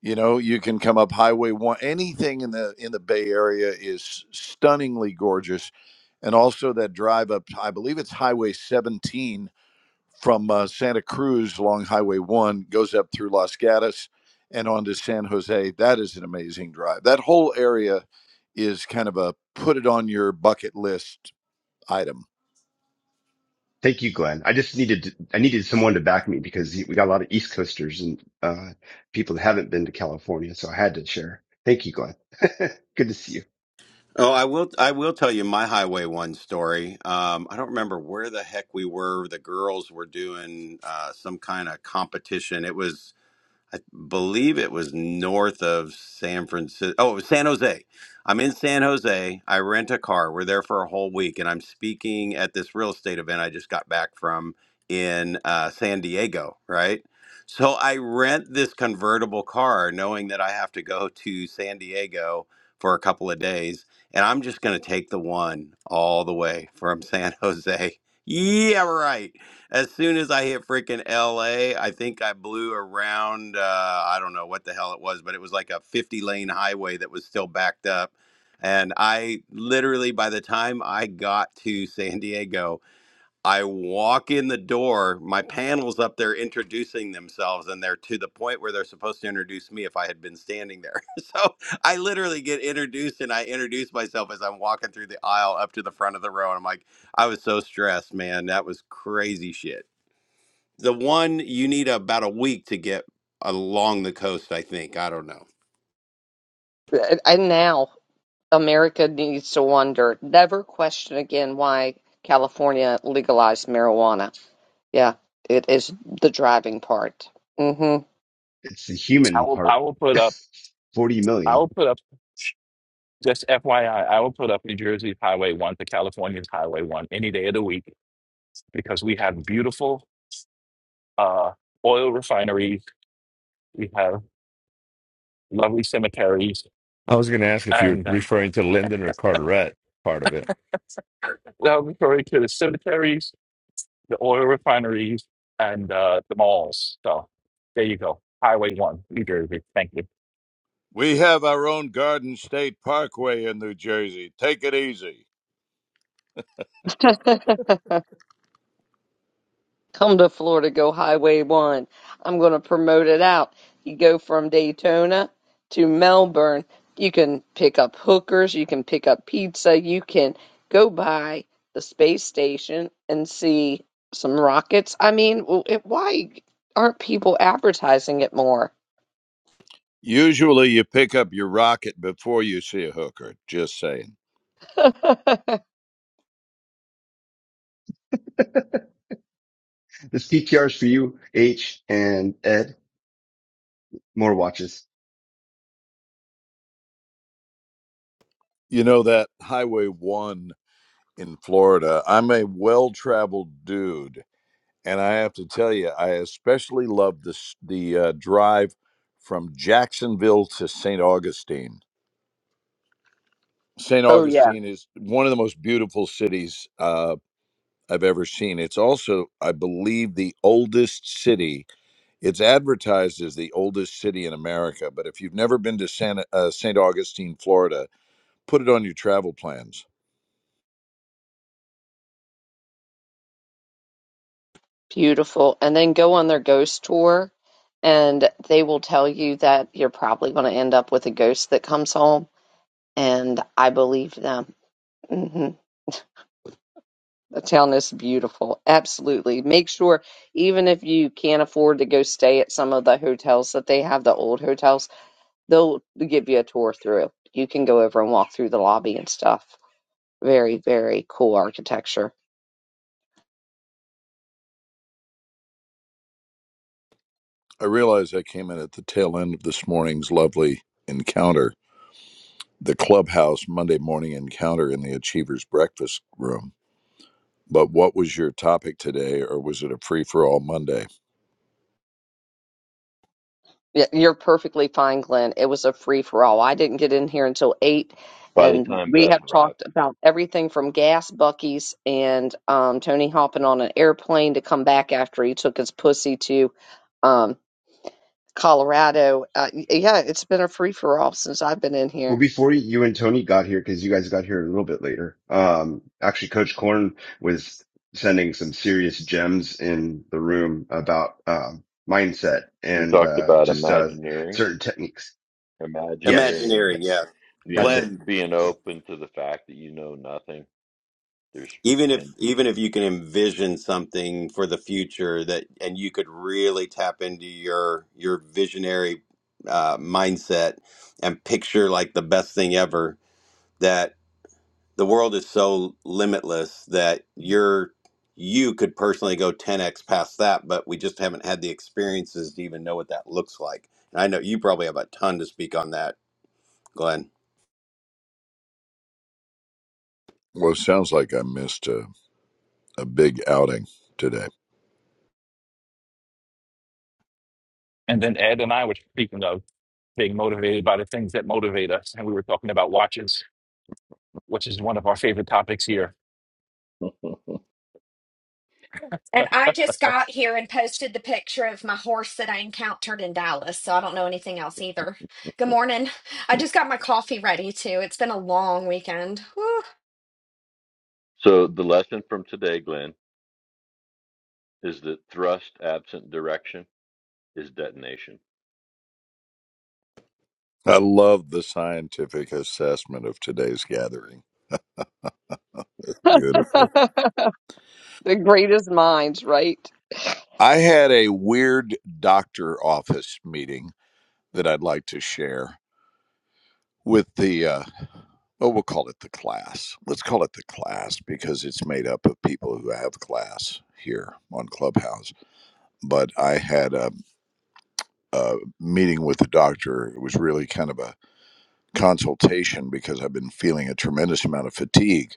You know, you can come up Highway One. Anything in the in the Bay Area is stunningly gorgeous, and also that drive up. I believe it's Highway 17 from uh, Santa Cruz along Highway One goes up through Los Gatos and on to San Jose. That is an amazing drive. That whole area is kind of a put it on your bucket list item.
Thank you, Glenn. I just needed I needed someone to back me because we got a lot of East Coasters and uh, people that haven't been to California, so I had to share. Thank you, Glenn. Good to see you.
Oh, I will. I will tell you my Highway One story. Um, I don't remember where the heck we were. The girls were doing uh, some kind of competition. It was I believe it was north of San Francisco. Oh, it was San Jose. I'm in San Jose. I rent a car. We're there for a whole week, and I'm speaking at this real estate event I just got back from in uh, San Diego, right? So I rent this convertible car knowing that I have to go to San Diego for a couple of days, and I'm just going to take the one all the way from San Jose. Yeah, right as soon as I hit freaking LA, I think I blew around, uh, I don't know what the hell it was, but it was like a 50 lane highway that was still backed up. And I literally, by the time I got to San Diego, I walk in the door, my panel's up there introducing themselves, and they're to the point where they're supposed to introduce me if I had been standing there. so I literally get introduced and I introduce myself as I'm walking through the aisle up to the front of the row. And I'm like, I was so stressed, man. That was crazy shit. The one you need about a week to get along the coast, I think. I don't know.
Uh, And now America needs to wonder, never question again why California legalized marijuana. Yeah, it is the driving part. Mm-hmm.
It's the
I
human
will, I
part.
will put up,
40
I
million.
will put up. Just FYI, I I will put up New Jersey's Highway One to California's Highway One any day of the week because we have beautiful uh, oil refineries We have lovely cemeteries,
I was going to ask if you're
and uh,
referring to Lyndon or Carteret part of it.
that'll be refer to the cemeteries, the oil refineries, and uh, the malls. So there you go. Highway One, New Jersey. Thank you.
We have our own Garden State Parkway in New Jersey. Take it easy.
Come to Florida, go Highway 1. I'm going to promote it out. You go from Daytona to Melbourne. You can pick up hookers, you can pick up pizza, you can go by the space station and see some rockets. I mean, w- it, why aren't people advertising it more?
Usually you pick up your rocket before you see a hooker, just saying.
This PTR is for you, H and Ed. more watches.
You know that Highway 1 in Florida, I'm a well-traveled dude and I have to tell you I especially love this the uh, drive from Jacksonville to St. Augustine. St.
Oh, yeah.
Augustine is one of the most beautiful cities uh, I've ever seen. It's also, I believe, the oldest city It's advertised as the oldest city in America, but if you've never been to Santa, uh, St. Augustine, Florida, put it on your travel plans.
Beautiful. And then go on their ghost tour, and they will tell you that you're probably going to end up with a ghost that comes home. And I believe them. hmm The town is beautiful. Absolutely. Make sure, even if you can't afford to go stay at some of the hotels that they have, the old hotels, they'll give you a tour through. You can go over and walk through the lobby and stuff. Very, very cool architecture.
I realize I came in at the tail end of this morning's lovely encounter, the clubhouse Monday morning encounter in the Achievers Breakfast Room. But what was your topic today, or was it a free for all Monday?
Yeah, you're perfectly fine, Glenn. It was a free for all. I didn't get in here until eight,
By the
and
time
we
Beth
have
arrived,
talked about everything from gas buckies and um, Tony hopping on an airplane to come back after he took his pussy to um, Colorado. Uh, y- yeah, it's been a free for all since I've been in
Well,
here.
before you and Tony got here, because you guys got here a little bit later, um, actually, Coach Corn was sending some serious gems in the room about um, mindset
we
and
talked
uh,
about
just uh,
imagineering,
certain techniques. Yes,
imagineering,
Imagineering, yeah.
yes, that's
being
it.
Glenn,
being open to the fact that you know nothing There's
even if
and
even if you can envision something for the future that and you could really tap into your your visionary uh, mindset and picture like the best thing ever that the world is so limitless that you're you could personally go 10x past that but we just haven't had the experiences to even know what that looks like and i know you probably have a ton to speak on that glenn
Well, it sounds like I missed a, a big outing today.
And then Ed and I were speaking of being motivated by the things that motivate us, and we were talking about watches, which is one of our favorite topics here.
And I just got here and posted the picture of my horse that I encountered in Dallas. So I don't know anything else either. Good morning. I just got my coffee ready too. It's been a long weekend. Woo.
so the lesson from today, Glenn, is that thrust absent direction is detonation.
I love the scientific assessment of today's gathering. Beautiful.
The greatest minds, right?
I had a weird doctor office meeting that I'd like to share with the, uh, oh, we'll call it the class. Let's call it the class because it's made up of people who have class here on Clubhouse. But I had a, a meeting with the doctor. It was really kind of a consultation because I've been feeling a tremendous amount of fatigue.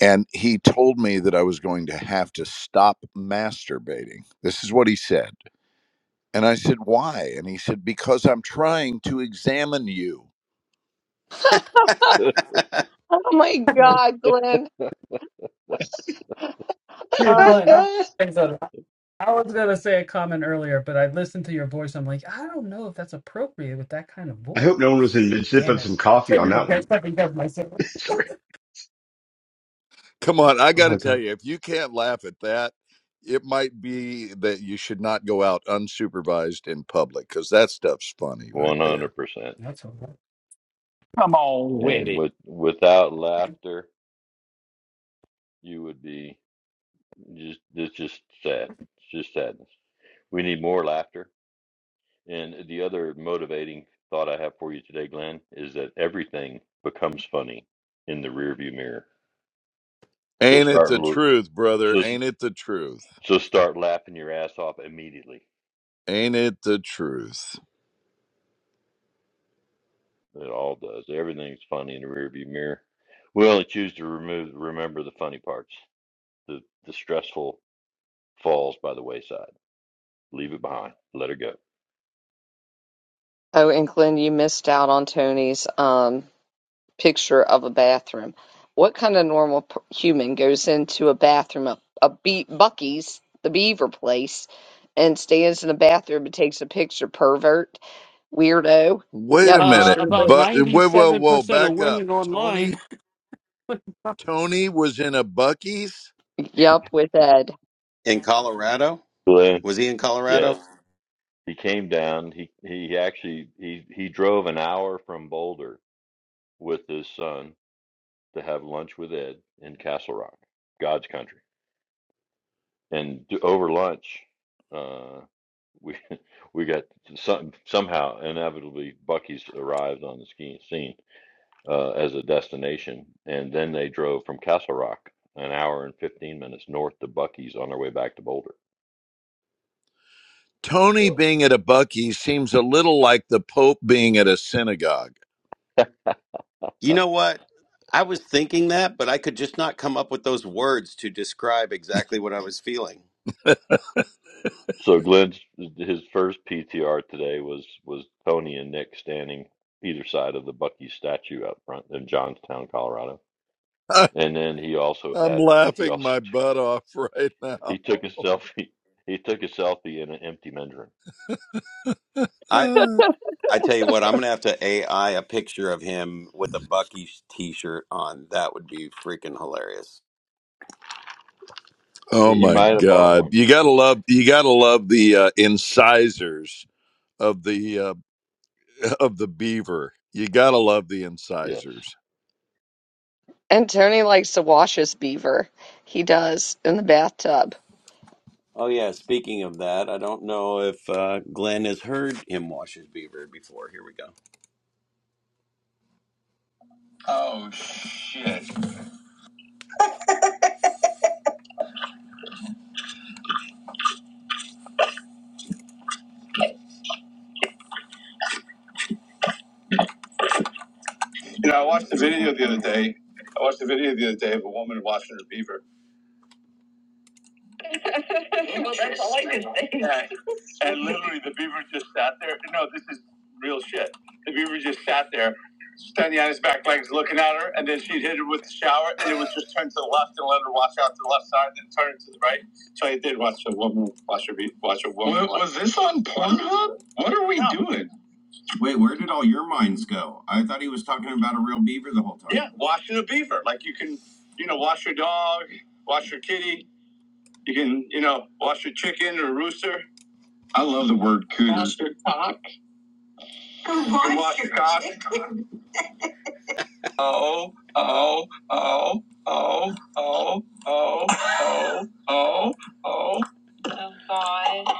And he told me that I was going to have to stop masturbating. This is what he said. And I said, Why? And he said, Because I'm trying to examine you.
Oh my
Mm.
God, Glenn.
Dude,
Oh my
That's
Glenn, I,
God.
it.
I was gonna say a comment earlier, but I listened to your voice. I'm like, I don't know if that's appropriate with that kind of
I hope
voice.
no one was in mid sip
Damn
of
it!
some
I'm
coffee on
taking the
that one.
best I can get myself.
Sorry.
Come on, I
Oh
got to
my
tell
god.
you, if you can't laugh at that, it might be that you should not go out unsupervised in public because that stuff's funny right
One
there.
hundred percent.
That's all right.
Come on with
And
it.
with without laughter, you would be just it's just sad. It's just sadness. We need more laughter. And the other motivating thought I have for you today, Glenn, is that everything becomes funny in the rearview mirror. So
Ain't it
start
the
l-
truth, brother?
so
Ain't it the truth?
so start laughing your ass off immediately.
Ain't it the truth?
It all does. Everything's funny in the rearview mirror. We only choose to remove, remember the funny parts. The the stressful falls by the wayside. Leave it behind. Let her go.
Oh, and Glenn, you missed out on Tony's. Um, picture of a bathroom. What kind of normal p- human goes into a bathroom, a, a be- Bucky's, the beaver place, and stands in the bathroom and takes a picture? Pervert, weirdo.
Wait a
Yep, he
Uh,
minute,
sure
about
did.
but whoa, whoa,
ninety-seven
whoa,
percent of
back up.
women online.
Tony, Tony was in a Bucky's.
Yep, with Ed.
in colorado
Glenn,
was he in
yes,
colorado
he came down. He he actually he he drove an hour from Boulder with his son to have lunch with Ed in Castle Rock, God's country. And d- over lunch, uh, we we got some somehow inevitably Bucky's arrived on the ski scene uh, as a destination. And then they drove from Castle Rock an hour and 15 minutes north to Bucky's on their way back to Boulder.
Tony
So,
being at a Bucky's seems a little like the Pope being at a synagogue.
you know what i was thinking that but i could just not come up with those words to describe exactly what i was feeling
so Glenn's his first PTR today was was Tony and Nick standing either side of the Bucky's statue out front in Johnstown, Colorado. And then he also
I'm
had he
laughing
also
my
took,
butt off right now.
he took a selfie. He took a selfie in an empty mandarin.
i
Uh,
i tell you what i'm gonna have to ai a picture of him with a bucky t-shirt on that would be freaking hilarious
oh
He he
my
might have bought
God!
one.
You gotta love, you gotta love the uh, incisors of the uh, of the beaver. You gotta love the
Yes,
incisors.
And Tony likes to wash his beaver. He does in the bathtub.
Oh yeah, speaking of that, I don't know if uh, Glenn has heard him wash his beaver before. Here we go. Oh shit! You know, I watched the video the other day. I watched the video the other day of a woman washing her beaver. well, that's all I could think. Yeah. And literally, the beaver just sat there. No, this is real shit. The beaver just sat there, standing on his back legs, looking at her, and then she'd hit her with the shower, and it was just turn to the left and let her wash out to the left side, then turn it to the right. So I did watch a woman wash her beaver. watch a woman. Well, wash was What are we doing? Wait, where did all your minds go? I thought he was talking about a real beaver the whole time. Yeah, washing a beaver. Like you can, you know, wash your dog, wash your kitty. You can, you know, wash your chicken or rooster. I love the word cooter. Wash your cock. You can wash your cock. Oh, oh, oh, oh, oh, oh, oh, oh, oh. Oh, God.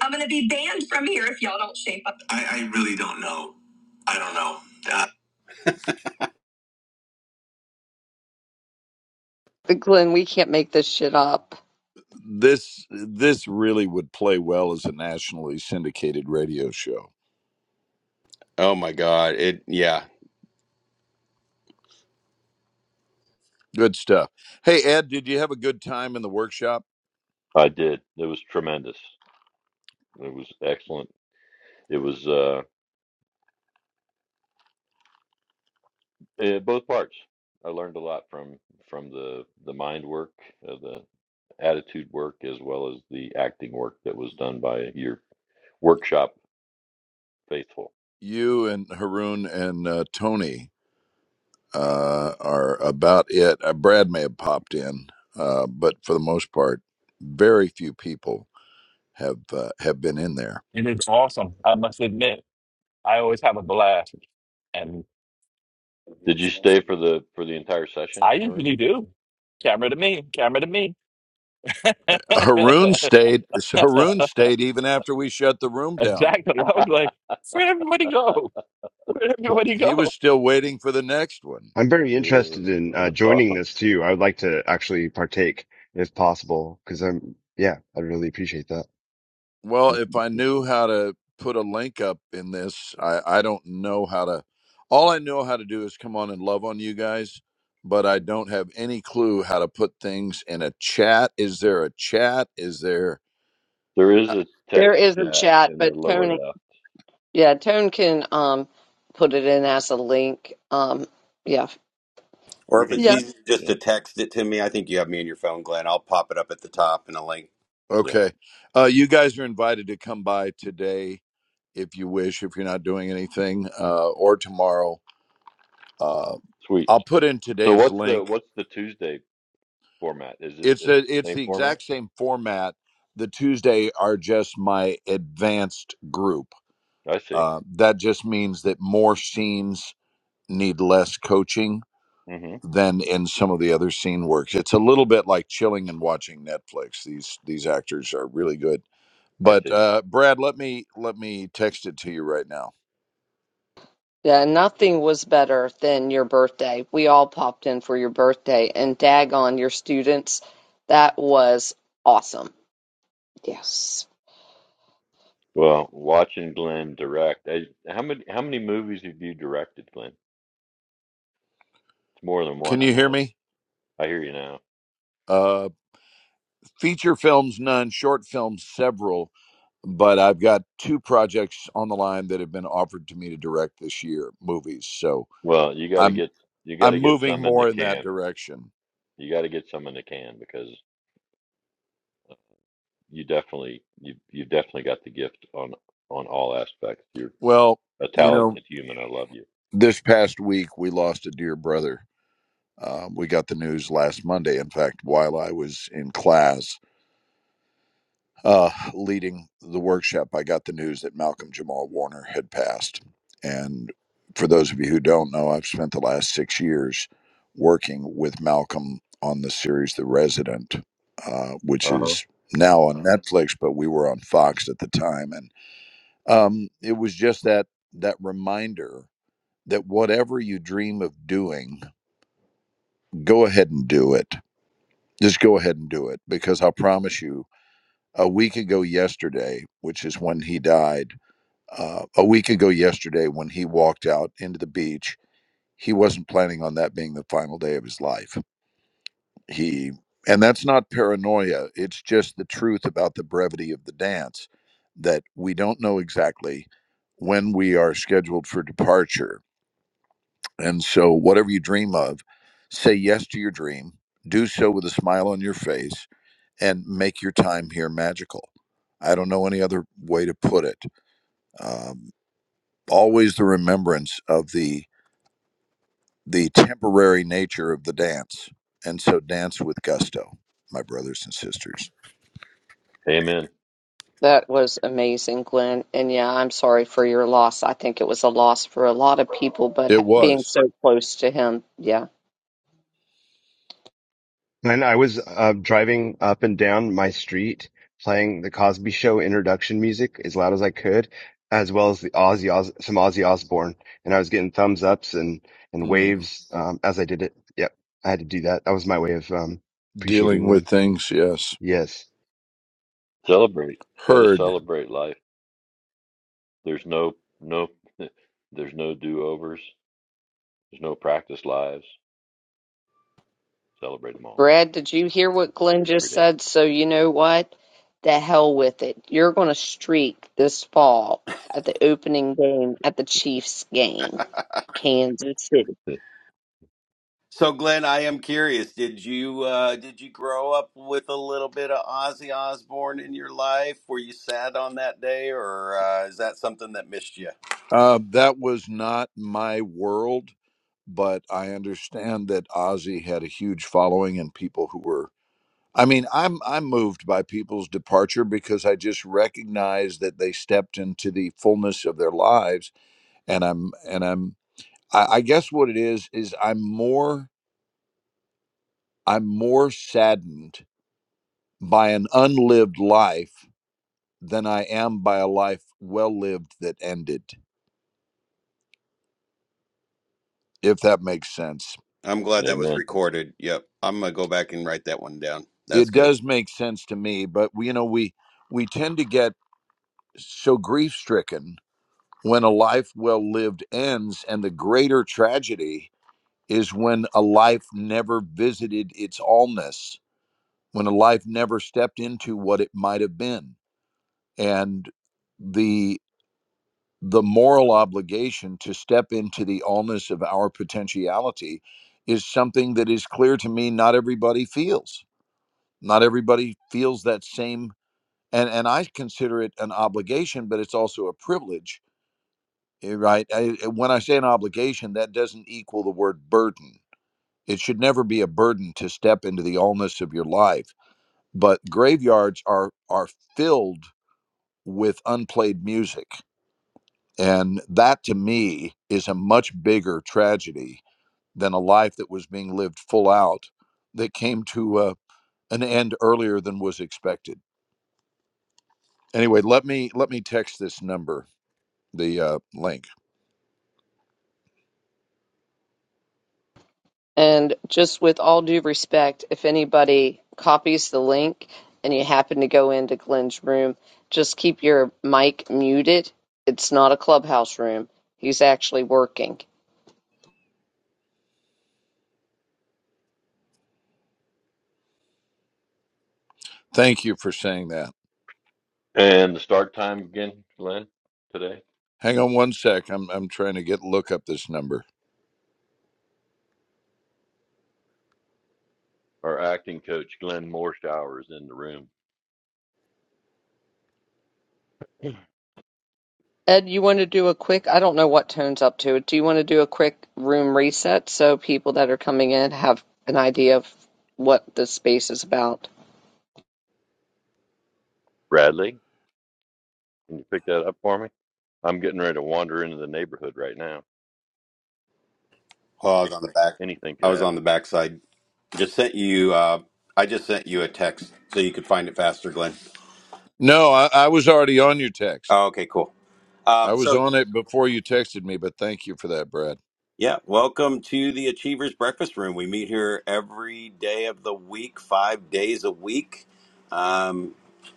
I'm going to be banned from here if y'all don't shape up. I, I really don't know. I don't know.
But Glenn, we can't make this shit up.
This this really would play well as a nationally syndicated radio show.
Oh my god. It yeah.
Good stuff. Hey, Ed, did you have a good time in the workshop?
I did. It was tremendous. It was excellent. It was. uh. Uh, both parts. I learned a lot from from the the mind work, uh, the attitude work, as well as the acting work that was done by your workshop faithful.
You and Haroon and uh, Tony uh, are about it. Uh, Brad may have popped in, uh, but for the most part, very few people have uh, have been in there.
and It is awesome. I must admit, I always have a blast, and
Did you stay for the for the entire session,
I
Noreen?
usually do. Camera to me, camera to me.
Haroon stayed. Haroon stayed even after we shut the room down.
exactly. I was
uh,
like, where'd everybody go? Where'd
Well,
everybody
He
go?
was still waiting for the next one.
I'm very interested in uh,
that's
joining
awesome.
this too. I would like to actually partake if possible, because I'm yeah, I really appreciate that.
Well, if I knew how to put a link up in this, I, I don't know how to. All I know how to do is come on and love on you guys, but I don't have any clue how to put things in a chat. Is there a chat? Is there.
there
uh,
is a
There
text
is a
chat
chat,
in the
but
lower
Tony,
left.
yeah, Tone can um put it in as a link. Um, yeah,
Or
We
if it's
can,
easy, just to
yeah,
text it to me, I think you have me in your phone, Glenn. I'll pop it up at the top in a link.
yeah,
Okay. Uh, you guys are invited to come by today if you wish, if you're not doing anything, uh, or tomorrow. Uh,
sweet.
I'll put in
So
today's
what's the
link.
what's the Tuesday format? Is it
It's
is it
a,
the
it's
same
the
format?
exact same format. The Tuesday are just my advanced group
I see.
Uh, that just means that more scenes need less coaching
hmm
than in some of the other scene works. It's a little bit like chilling and watching Netflix. These these actors are really good.
I
But
see.
uh, Brad, let me let me text it to you right now.
Yeah, nothing was better than your birthday. We all popped in for your birthday, and daggone your students. That was awesome. Yes,
Well, watching Glenn direct, I, how many how many movies have you directed, Glenn? It's more than
Can
one, I
you hear
know.
me?
I hear you now.
Uh, feature films, none. Short films, several. But I've got two projects on the line that have been offered to me to direct this year, movies. So
Well, you got to
I'm
get you got
I'm
to get
moving
some in the
more in that
can.
direction.
You got to get some in the can because you definitely you you definitely got the gift on on all aspects. You're
Well,
a
you know,
talented human. I love you.
This past week, we lost a dear brother. Um, we got the news last Monday. In fact, while I was in class uh, leading the workshop, I got the news that Malcolm Jamal Warner had passed. And for those of you who don't know, I've spent the last six years working with Malcolm on the series The Resident, uh, which
Uh-huh.
is now on Netflix, but we were on Fox at the time. And um, it was just that that reminder that whatever you dream of doing go ahead and do it. Just go ahead and do it because I promise you, a week ago yesterday, which is when he died, uh, a week ago yesterday, when he walked out into the beach, he wasn't planning on that being the final day of his life. He, and that's not paranoia, it's just the truth about the brevity of the dance that we don't know exactly when we are scheduled for departure. And so, whatever you dream of, say yes to your dream, do so with a smile on your face and make your time here magical. I don't know any other way to put it. Um, always the remembrance of the the temporary nature of the dance, and so dance with gusto, my brothers and sisters.
Amen.
that was amazing, Glenn. And yeah, I'm sorry for your loss. I think it was a loss for a lot of people, but
It
ha- being
was
so close to him, yeah.
Glenn, I was uh, driving up and down my street playing the Cosby Show introduction music as loud as I could, as well as the Ozzy Os- some Ozzy Osbourne, and I was getting thumbs ups and and
mm,
waves um, as I did it. Yep, I had to do that. That was my way of um,
dealing
appreciating
with
them.
things. Yes,
Yes.
Celebrate. Got to
heard.
celebrate life. There's no no there's no do-overs. There's no practice lives. Celebrate them all
Brad, did you hear what Glenn
every
just
day.
said? So you know what? The hell with it. You're going to streak this fall at the opening game at the Chiefs game, Kansas City.
So, Glenn, I am curious. Did you uh, did you grow up with a little bit of Ozzy Osbourne in your life? Were you sad on that day, or uh, is that something that missed you?
Uh, that was not my world, but I understand that Ozzy had a huge following and people who were I mean, I'm I'm moved by people's departure because I just recognize that they stepped into the fullness of their lives, and I'm and I'm I, I guess what it is is I'm more I'm more saddened by an unlived life than I am by a life well lived that ended. If that makes sense,
I'm glad that was
Amen.
recorded. Yep, I'm gonna go back and write that one down. That's
it
good.
does make sense to me. But we, you know, we we tend to get so grief stricken when a life well lived ends, and the greater tragedy is when a life never visited its allness, when a life never stepped into what it might have been. And the the moral obligation to step into the allness of our potentiality is something that is clear to me not everybody feels. Not everybody feels that same and, and I consider it an obligation, but it's also a privilege, eh, right? I, eh, when I say an obligation, that doesn't equal the word burden It should never be a burden to step into the allness of your life. But graveyards are are filled with unplayed music. And that to me is a much bigger tragedy than a life that was being lived full out that came to uh, an end earlier than was expected. Anyway, let me let me text this number, the uh, link.
And just with all due respect, if anybody copies the link and you happen to go into Glenn's room, just keep your mic muted. It's not a clubhouse room. He's actually working.
Thank you for saying that.
And the start time again, Glenn, today?
Hang on one sec. I'm I'm trying to get look up this number.
Our acting coach, Glenn Morshower, is in the room.
Ed, you want to do a quick, I don't know what tone's up to it. Do you want to do a quick room reset so people that are coming in have an idea of what the space is about?
Bradley, can you pick that up for me? I'm getting ready to wander into the neighborhood right now.
Oh, I was on the back.
Anything
I
could
was on the
happen.
backside. Just sent you. Uh, I just sent you a text so you could find it faster, Glenn.
No, I, I was already on your text.
Oh, okay, cool. Um,
I was
so
on it before you texted me, but thank you for that, Brad.
Yeah, welcome to the Achievers Breakfast Room. We meet here every day of the week, five days a week, um,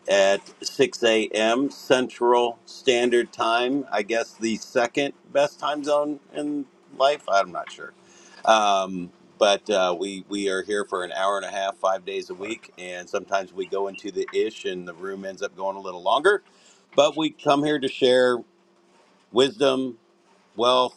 at 6 a.m. Central Standard Time. I guess the second best time zone in life. I'm not sure. Um, but uh, we, we are here for an hour and a half, five days a
Right.
week. And sometimes we go into the ish and the room ends up going a little longer. But we come here to share wisdom, wealth,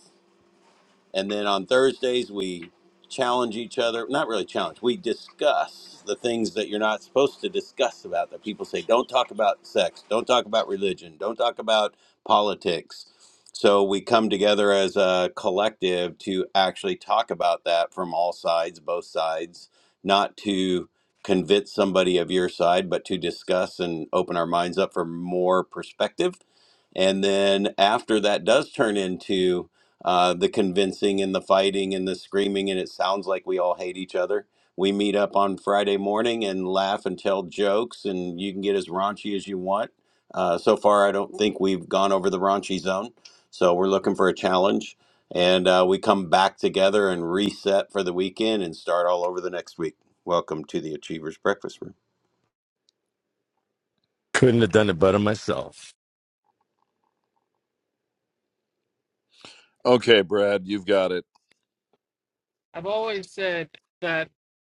and then on Thursdays, we challenge each other. Not really challenge, we discuss the things that you're not supposed to discuss about that people say, don't talk about sex, don't talk about religion, don't talk about politics. So we come together as a collective to actually talk about that from all sides, both sides, not to convince somebody of your side, but to discuss and open our minds up for more perspective. And then after that does turn into uh, the convincing and the fighting and the screaming, and it sounds like we all hate each other. We meet up on Friday morning and laugh and tell jokes, and you can get as raunchy as you want. Uh, so far, I don't think we've gone over the raunchy zone, so we're looking for a challenge. And uh, we come back together and reset for the weekend and start all over the next week. Welcome to the Achievers Breakfast Room.
Couldn't have done it better myself.
Okay, Brad, you've got it.
I've always said that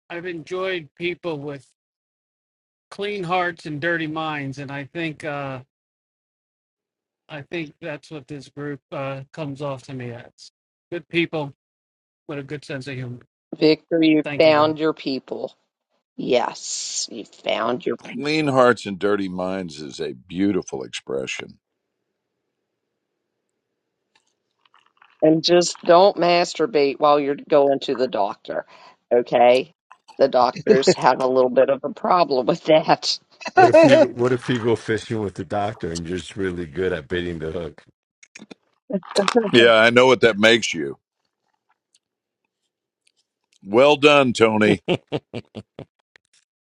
I've enjoyed people with clean hearts and dirty minds, and I think uh, I think that's what this group uh, comes off to me as. Good people with a good sense of humor.
Victor, you
Thank you, guys.
found your people. Yes, you found your people.
Clean hearts and dirty minds is a beautiful expression.
And just don't masturbate while you're going to the doctor, okay? The doctors have a little bit of a problem with that.
What if
oh
you What if you go fishing with the doctor and you're just really good at baiting the hook?
Yeah, I know what that makes you. Well done, Tony.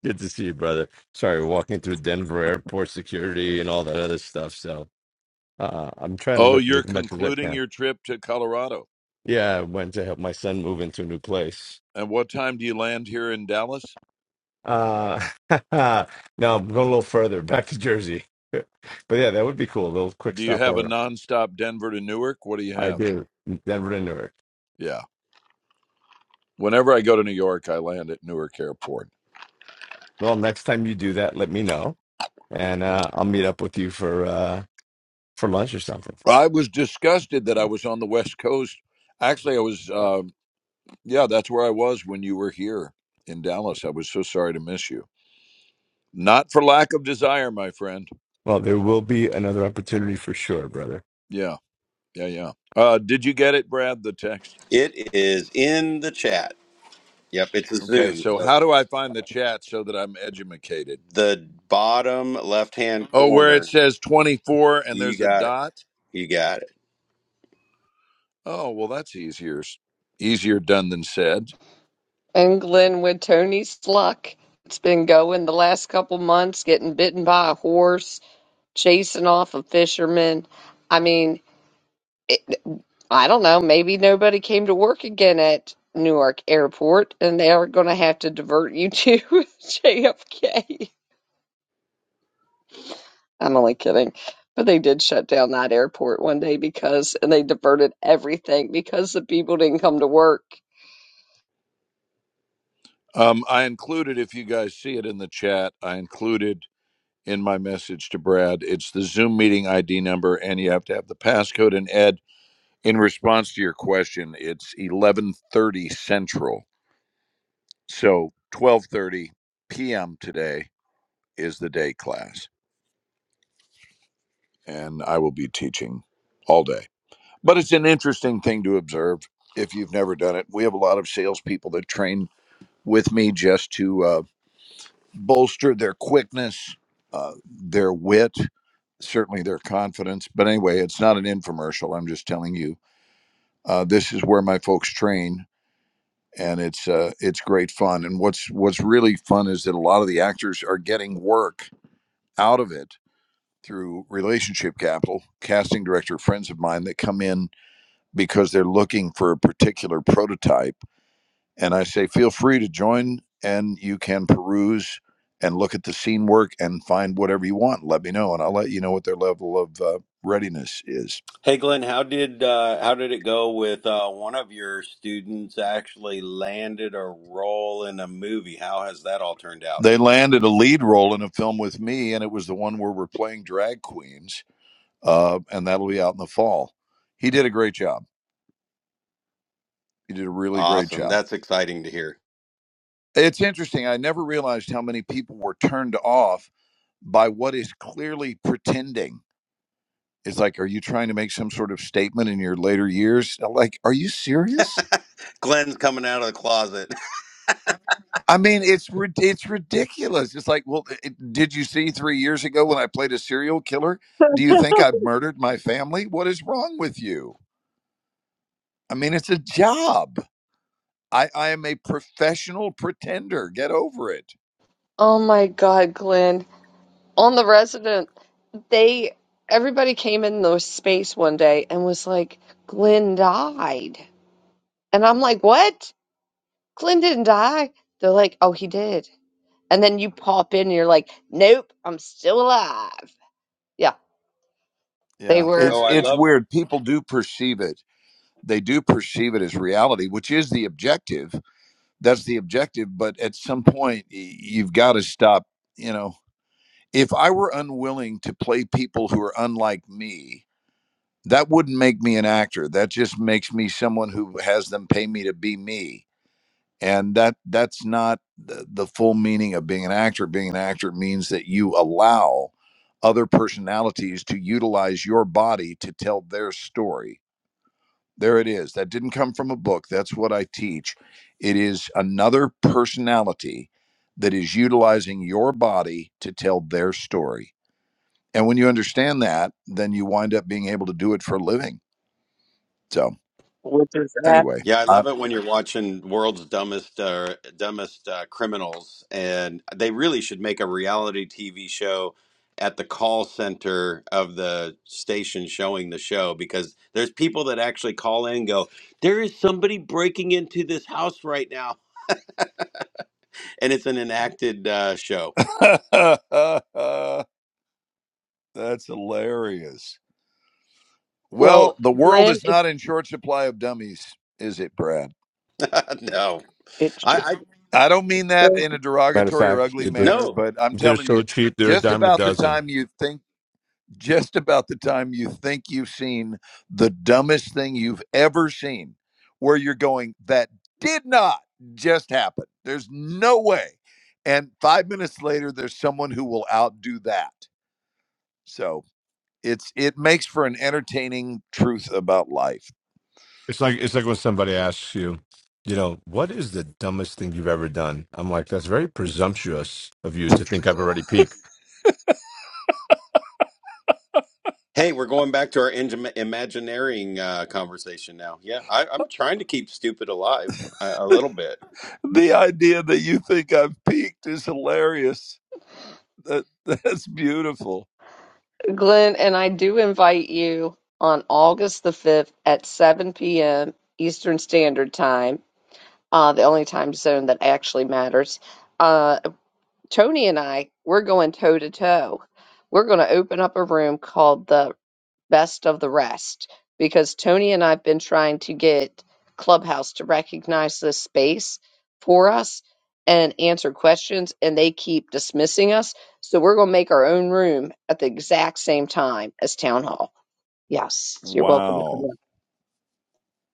Good to see you, brother. Sorry, we're walking through Denver airport security and all that other stuff. So uh, I'm trying to
Oh,
lift
you're
as much as I
concluding
can.
your trip to Colorado.
Yeah, I went to help my son move into a new place.
And what time do you land here in Dallas?
Uh, no, I'm going a little further back to Jersey. but yeah, that would be cool. A little quick
Do you have a
stopover.
nonstop Denver to Newark? What do you
I
have?
do Denver to Newark.
Yeah. Whenever I go to New York, I land at Newark Airport.
Well, next time you do that, let me know, and uh, I'll meet up with you for uh, for lunch or something.
I was disgusted that I
Well,
was on the West Coast. Actually, I was. uh, Yeah, that's where I was when you were here in Dallas. I was so sorry to miss you. Not for lack of desire, my friend.
there will be another opportunity for sure, brother.
Yeah, yeah, yeah. Uh, did you get it, Brad, the text?
It is in the chat. Yep, it's a
Okay,
Zoom.
so
So
how do I find the chat so that I'm edumacated?
the bottom left hand
Oh, where it
corner,
says 24 and
you
there's a
got
dot?
You got it.
Oh, well, that's easier. Easier done than said.
And Glenn, with Tony's luck, it's been going the last couple months, getting bitten by a horse, chasing off a fisherman. I mean, I don't know, maybe nobody came to work again at Newark Airport and they are going to have to divert you to JFK. I'm only kidding. But they did shut down that airport one day because, and they diverted everything because the people didn't come to work.
Um, I included, if you guys see it in the chat, I included in my message to Brad, it's the Zoom meeting ID number, and you have to have the passcode and Ed. in response to your question, it's 11:30 Central. So 12:30 p.m. today is the day class, and I will be teaching all day. But it's an interesting thing to observe if you've never done it. We have a lot of salespeople that train with me just to uh, bolster their quickness, uh, their wit, certainly their confidence. But anyway, it's not an infomercial. I'm just telling you uh, this is where my folks train and it's uh, it's great fun. And what's what's really fun is that a lot of the actors are getting work out of it through relationship capital. Casting director friends of mine that come in because they're looking for a particular prototype, and I say, feel free to join, and you can peruse and look at the scene work and find whatever you want. Let me know, and I'll let you know what their level of uh, readiness is.
Hey Glenn, how did uh, how did it go with uh, one of your students actually landed a role in a movie? How has that all turned out?
They landed a lead role in a film with me, and it was the one where we're playing drag queens uh, and that'll be out in the fall. He did a great job. He did a really great
Awesome.
job.
That's exciting to hear.
It's interesting. I never realized how many people were turned off by what is clearly pretending. It's like, are you trying to make some sort of statement in your later years? Like, are you serious?
Glenn's coming out of the closet.
I mean, it's it's ridiculous. It's like, well, it, did you see three years ago when I played a serial killer? Do you think I murdered my family? What is wrong with you? I mean, it's a job. I, I am a professional pretender. Get over it.
Oh my God, Glenn. On the resident, they, everybody came in the space one day and was like, Glenn died. And I'm like, what? Glenn didn't die. They're like, oh, he did. and then you pop in and you're like, nope, I'm still alive. Yeah, they
Yeah,
were
Oh,
it's
I
it's
love
weird. People do perceive it. They do perceive it as reality, which is the objective. That's the objective. But at some point, you've got to stop. You know, if I were unwilling to play people who are unlike me, that wouldn't make me an actor. That just makes me someone who has them pay me to be me and that that's not the, the full meaning of being an actor being an actor means that you allow other personalities to utilize your body to tell their story there it is that didn't come from a book that's what i teach it is another personality that is utilizing your body to tell their story and when you understand that then you wind up being able to do it for a living so
with this app.
anyway
Yeah, I love it when you're watching World's Dumbest uh, Dumbest uh, Criminals, and they really should make a reality TV show at the call center of the station showing the show because there's people that actually call in and go, "There is somebody breaking into this house right now," and it's an enacted uh, show.
That's hilarious. Well,
Well,
the world
Glenn,
is
it,
not in short supply of dummies, is it, Brad?
no,
it's
I,
true.
I
I don't mean that in a
Matter of
derogatory or
fact,
ugly
they're,
manner,
no.
but I'm
they're
telling you,
so cheap; they're a
just
dime a
about the
dozen.
time you think just about the time you think you've seen the dumbest thing you've ever seen, where you're going, that did not just happen. There's no way. And five minutes later, there's someone who will outdo that. So it's it makes for an entertaining truth about life.
It's like it's like when somebody asks you, you know, what is the dumbest thing you've ever done? I'm like, that's very presumptuous of you to think I've already peaked.
Hey, we're going back to our im- imagineering uh, conversation now. Yeah, I, I'm trying to keep stupid alive a, a little bit.
The idea that you think I've peaked is hilarious. That that's beautiful.
Glenn, and I do invite you on August the 5th at 7 p.m. Eastern Standard Time, uh, the only time zone that actually matters. Uh, Tony and I, we're going toe to toe. We're going to open up a room called the best of the rest because Tony and I've been trying to get Clubhouse to recognize this space for us and answer questions, and they keep dismissing us. So we're going to make our own room at the exact same time as Town Hall. Yes, you're welcome to come
Wow.
in.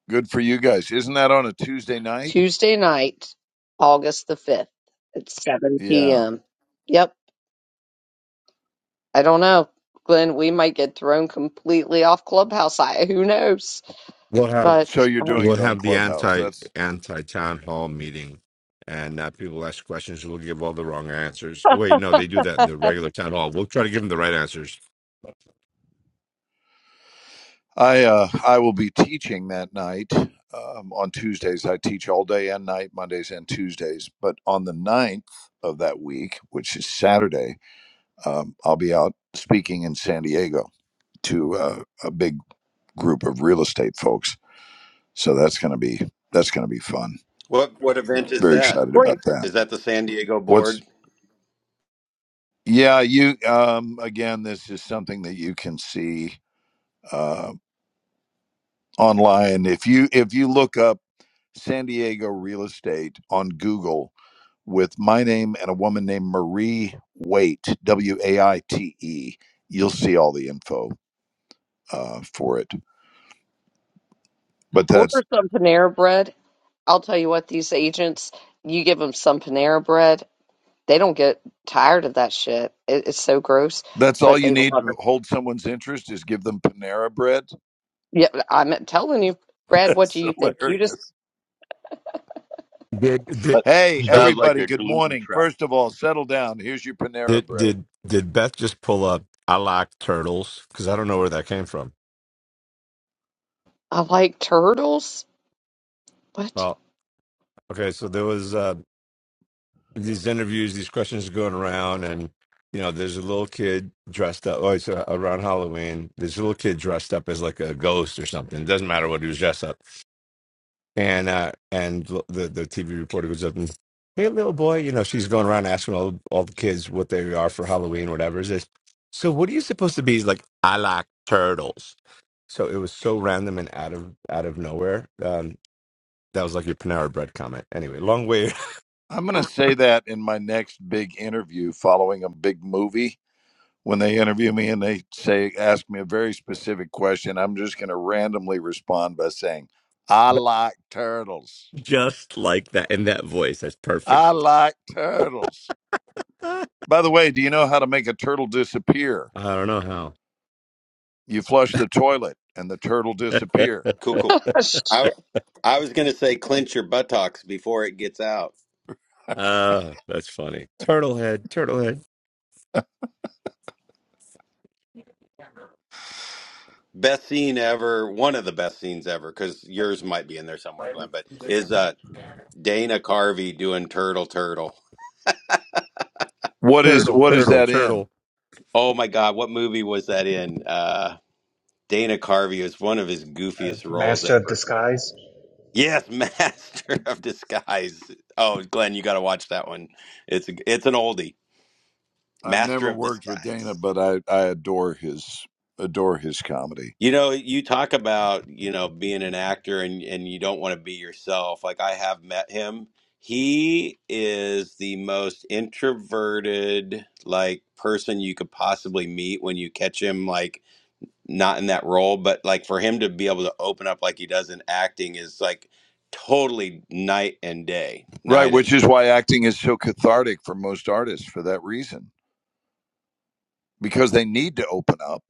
Good for you guys. Isn't that on a Tuesday night?
Tuesday night, August the 5th at 7
Yeah.
p.m. Yep, I don't know. Glenn, we might get thrown completely off Clubhouse. I, who knows?
We'll have
So
But
you're
um,
doing
we'll
it on
have the
Clubhouse.
anti
That's
anti town hall meeting, and uh, people ask questions. We'll give all the wrong answers. Oh wait, no, they do that in the regular town hall. We'll try to give them the right answers.
I uh, I will be teaching that night um, on Tuesdays. I teach all day and night, Mondays and Tuesdays. But on the ninth of that week, which is Saturday, um, I'll be out speaking in San Diego to uh, a big group of real estate folks. So that's gonna be that's gonna be fun.
What what event is
Very
that?
excited about that.
Is that the San Diego
What's
board?
yeah you um, again? This is something that you can see uh, online if you if you look up San Diego real estate on Google with my name and a woman named Marie Waite, W A I T E. You'll see all the info uh, for it. But
Order
that's
some Panera bread. I'll tell you what, these agents, you give them some Panera bread, they don't get tired of that shit. It, it's so gross,
that's all
but
you
they
need
love
to
it.
hold someone's interest is give them Panera bread.
Yeah, I'm telling you, Brad, what do
That's
you think? You just,
hilarious.
Did did
That
Hey,
did
sounds like
everybody,
a
good
gluten
morning.
trap.
First of all, settle down. Here's your
did
Panera bread.
did, did Beth just pull up? I like turtles because I don't know where that came from.
I like turtles? What?
Well, Okay, so there was uh, these interviews, these questions going around, and you know, there's a little kid dressed up. Oh, it's uh, around Halloween. There's a little kid dressed up as like a ghost or something. It doesn't matter what he was dressed up. And uh, and l- the the TV reporter goes up and, hey, little boy, you know, she's going around asking all all the kids what they are for Halloween, whatever. Is this? So what are you supposed to be? He's like, I like turtles. So it was so random and out of out of nowhere. Um, that was like your Panera Bread comment. Anyway, long way
I'm going to say that in my next big interview following a big movie. when they interview me and they say ask me a very specific question, I'm just going to randomly respond by saying, "I
But
like turtles.
Just like that in that voice. That's perfect.
I like turtles." By the way, do you know how to make a turtle disappear?
Ah, I don't know
You flush the toilet and the turtle
how.
disappear.
Cool, cool. I
shit.
I was gonna say clench your buttocks before it gets out.
Ah, that's funny. Turtle head, turtle head.
Best scene ever, one of the best scenes ever, because yours might be in there somewhere, Glenn. But is uh Dana Carvey doing Turtle Turtle?
What is
Turtle,
what is
turtle,
that in?
turtle.
Oh my God, what movie was that in? Uh, Dana Carvey was one of his
A
goofiest roles
master of
ever.
disguise.
Yes, Master of Disguise. Oh, Glenn, you got to watch that one. It's a, it's an oldie.
I've
Master
never
of
worked with
Disguise.
Dana, but I, I adore his adore his comedy.
You know, you talk about, you know, being an actor and and you don't want to be yourself. Like I have met him. He is the most introverted like person you could possibly meet when you catch him like not in that role, but like for him to be able to open up like he does in acting is like totally night and day.
Right,
Night
which
and
is why acting is so cathartic for most artists for that reason, because they need to open up,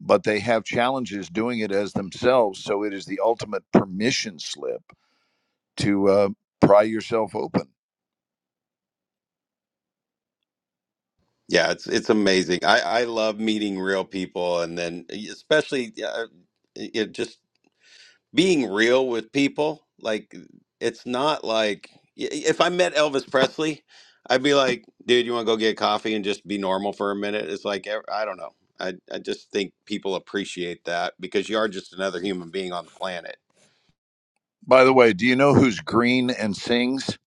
but they have challenges doing it as themselves. So it is the ultimate permission slip to uh, pry yourself open.
yeah, it's it's amazing. I I love meeting real people and then especially uh, it just being real with people like it's not like i- if i met elvis presley i'd be like dude you want to go get coffee and just be normal for a minute it's like eh, i don't know I, I just think people appreciate that because you are just another human being on the planet
By the way, do you know who's green and sings?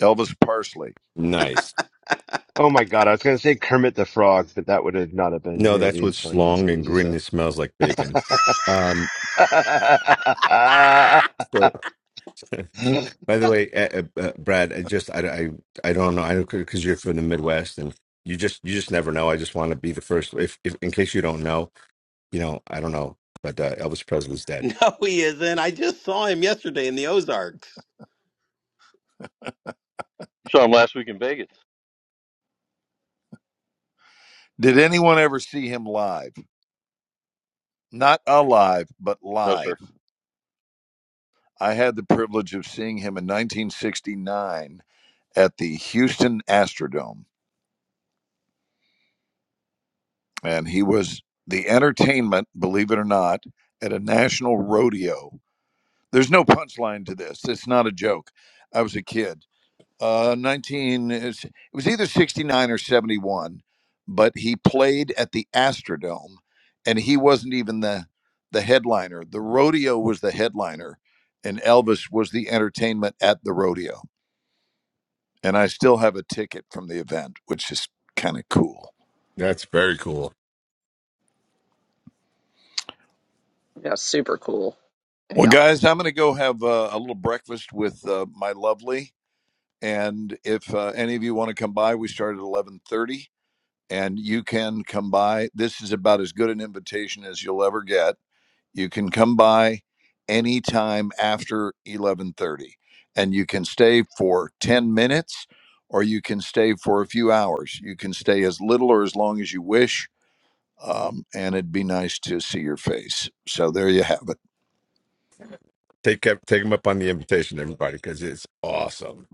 Elvis Parsley.
Nice.
my God, I was going to say Kermit the Frog, but that would have not have been
No, that's
nearly
what
as funny as
slong
what you
and
just said.
grinning smells like bacon. Um so By the way, uh, uh, uh, Brad, I just I I, I don't know. I don't because you're from the Midwest and you just you just never know. I just want to be the first. If, if in case you don't know, you know I don't know, but uh, Elvis Presley's dead.
no he isn't i just saw him yesterday in the ozarks
You saw him last week in Vegas.
Did anyone ever see him live? Not alive, but
No, sir.
live. I had the privilege of seeing him in 1969 at the Houston Astrodome. and he was the entertainment, believe it or not, at a national rodeo. There's no punchline to this. It's not a joke. I was a kid. Uh, 19, is- it was either 69 or 71, but he played at the Astrodome and he wasn't even the, the headliner. The rodeo was the headliner and Elvis was the entertainment at the rodeo. And I still have a ticket from the event, which is kind of cool.
That's very cool.
Yeah, super cool.
Well,
Yeah.
guys, I'm going to go have uh, a little breakfast with uh, my lovely, and if uh, any of you want to come by, we start at 11:30, and you can come by. This is about as good an invitation as you'll ever get. You can come by anytime after 11:30, and you can stay for 10 minutes, or you can stay for a few hours. You can stay as little or as long as you wish, um, and it'd be nice to see your face. So there you have it.
Take up- take him up on the invitation, everybody, because it's awesome.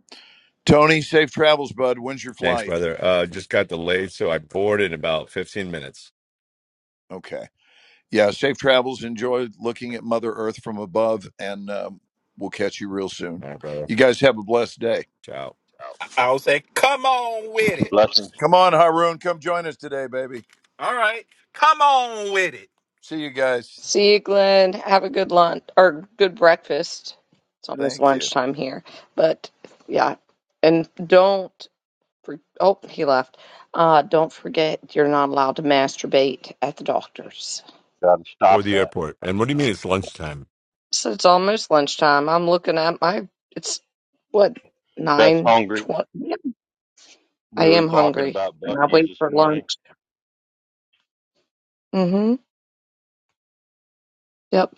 Tony, safe travels, bud. When's your
Thanks,
flight?
brother. Uh, just got delayed, so I board in about 15 minutes.
Okay. Yeah, safe travels. Enjoy looking at Mother Earth from above, and um, we'll catch you real soon.
All right, brother.
You guys have a blessed day.
Ciao.
I was like, with it.
Blessings.
Come on, Haroon. Come join us today, baby.
All right. Come.
See you guys.
See you, Glenn. Have a good lunch or good breakfast. It's almost
Thank you.
lunchtime here, but yeah. And don't. For, oh, he left. Uh, don't forget, you're not allowed to masturbate at the doctor's.
Gotta
Or
stop
the
that.
airport. And what do you mean it's lunchtime?
So it's almost lunchtime. I'm looking at my. It's what
Beth's
nine
hungry.
twenty. I
We were
am
talking
hungry,
about
and I
Bucky's
wait
this
for
morning.
lunch. Mm-hmm. Yep.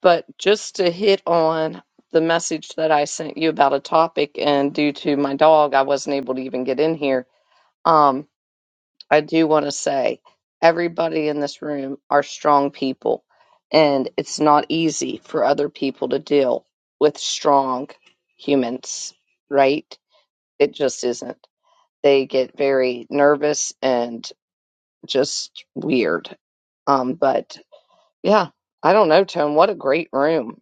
But just to hit on the message that I sent you about a topic, and due to my dog, I wasn't able to even get in here. Um, I do want to say everybody in this room are strong people, and it's not easy for other people to deal with strong humans, right? It just isn't. They get very nervous and just weird. Um, but yeah, I don't know, Tone. What a great room.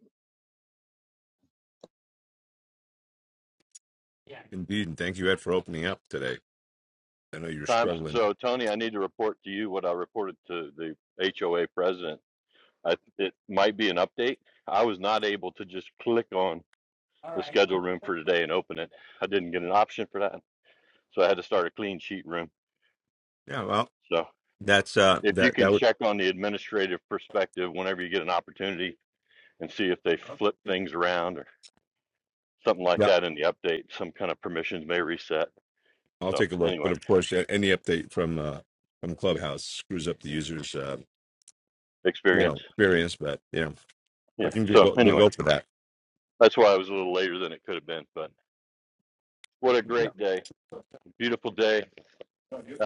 Indeed, and thank you, Ed, for opening up today. I know you're
Time,
struggling.
so, Tony, I need to report to you what I reported to the HOA president. I, it might be an update. I was not able to just click on the schedule
Yeah,
room for today and open it. I didn't get an option for that, so I had to start a clean sheet room.
well,
So
That's uh
if you
that
can
that would
check on the administrative perspective whenever you get an opportunity and see if they flip things around or something like
yeah.
that in the update, some kind of permissions may reset.
I'll
So
take a look, but
anyway,
of course, a- any update from uh from Clubhouse screws up the user's uh you know
experience.
experience, but you know
Yeah.
I can just
So
go we'll
anyway,
go for that.
that's why I was a little later than it could have been, but what a
Yeah.
great day. Beautiful day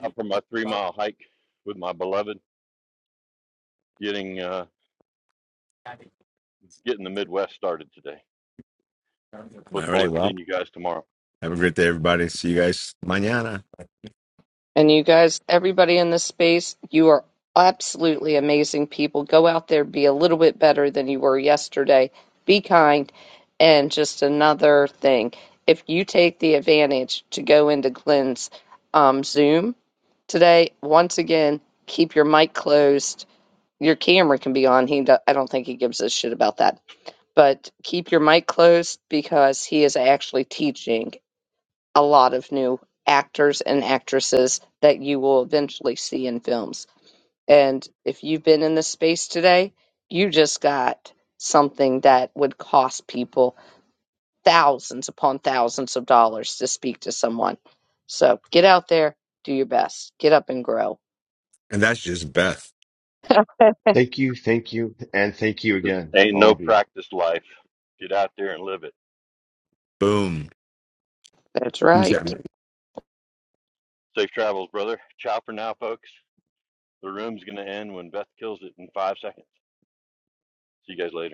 out for my three mile hike with my beloved getting, uh, getting the Midwest started today.
All
Look
right.
forward to
Well,
seeing you guys tomorrow.
have a great day, everybody. See you guys mañana.
And you guys, everybody in this space, you are absolutely amazing people. Go out there, be a little bit better than you were yesterday. Be kind. And just another thing, if you take the advantage to go into Glenn's um, Zoom today, once again, keep your mic closed. Your camera can be on. He, do- I don't think he gives a shit about that. But keep your mic closed because he is actually teaching a lot of new actors and actresses that you will eventually see in films. And if you've been in this space today, you just got something that would cost people thousands upon thousands of dollars to speak to someone. So get out there, do your best, get up and grow.
And that's just Beth.
Thank you, thank you, and thank you
There's
again,
ain't
all
no
of you.
practice life. Get out there and live it.
Boom.
That's
Peace out.
right.
Safe travels, brother. Ciao for now, folks. The room's going to end when Beth kills it in five seconds. See you guys later.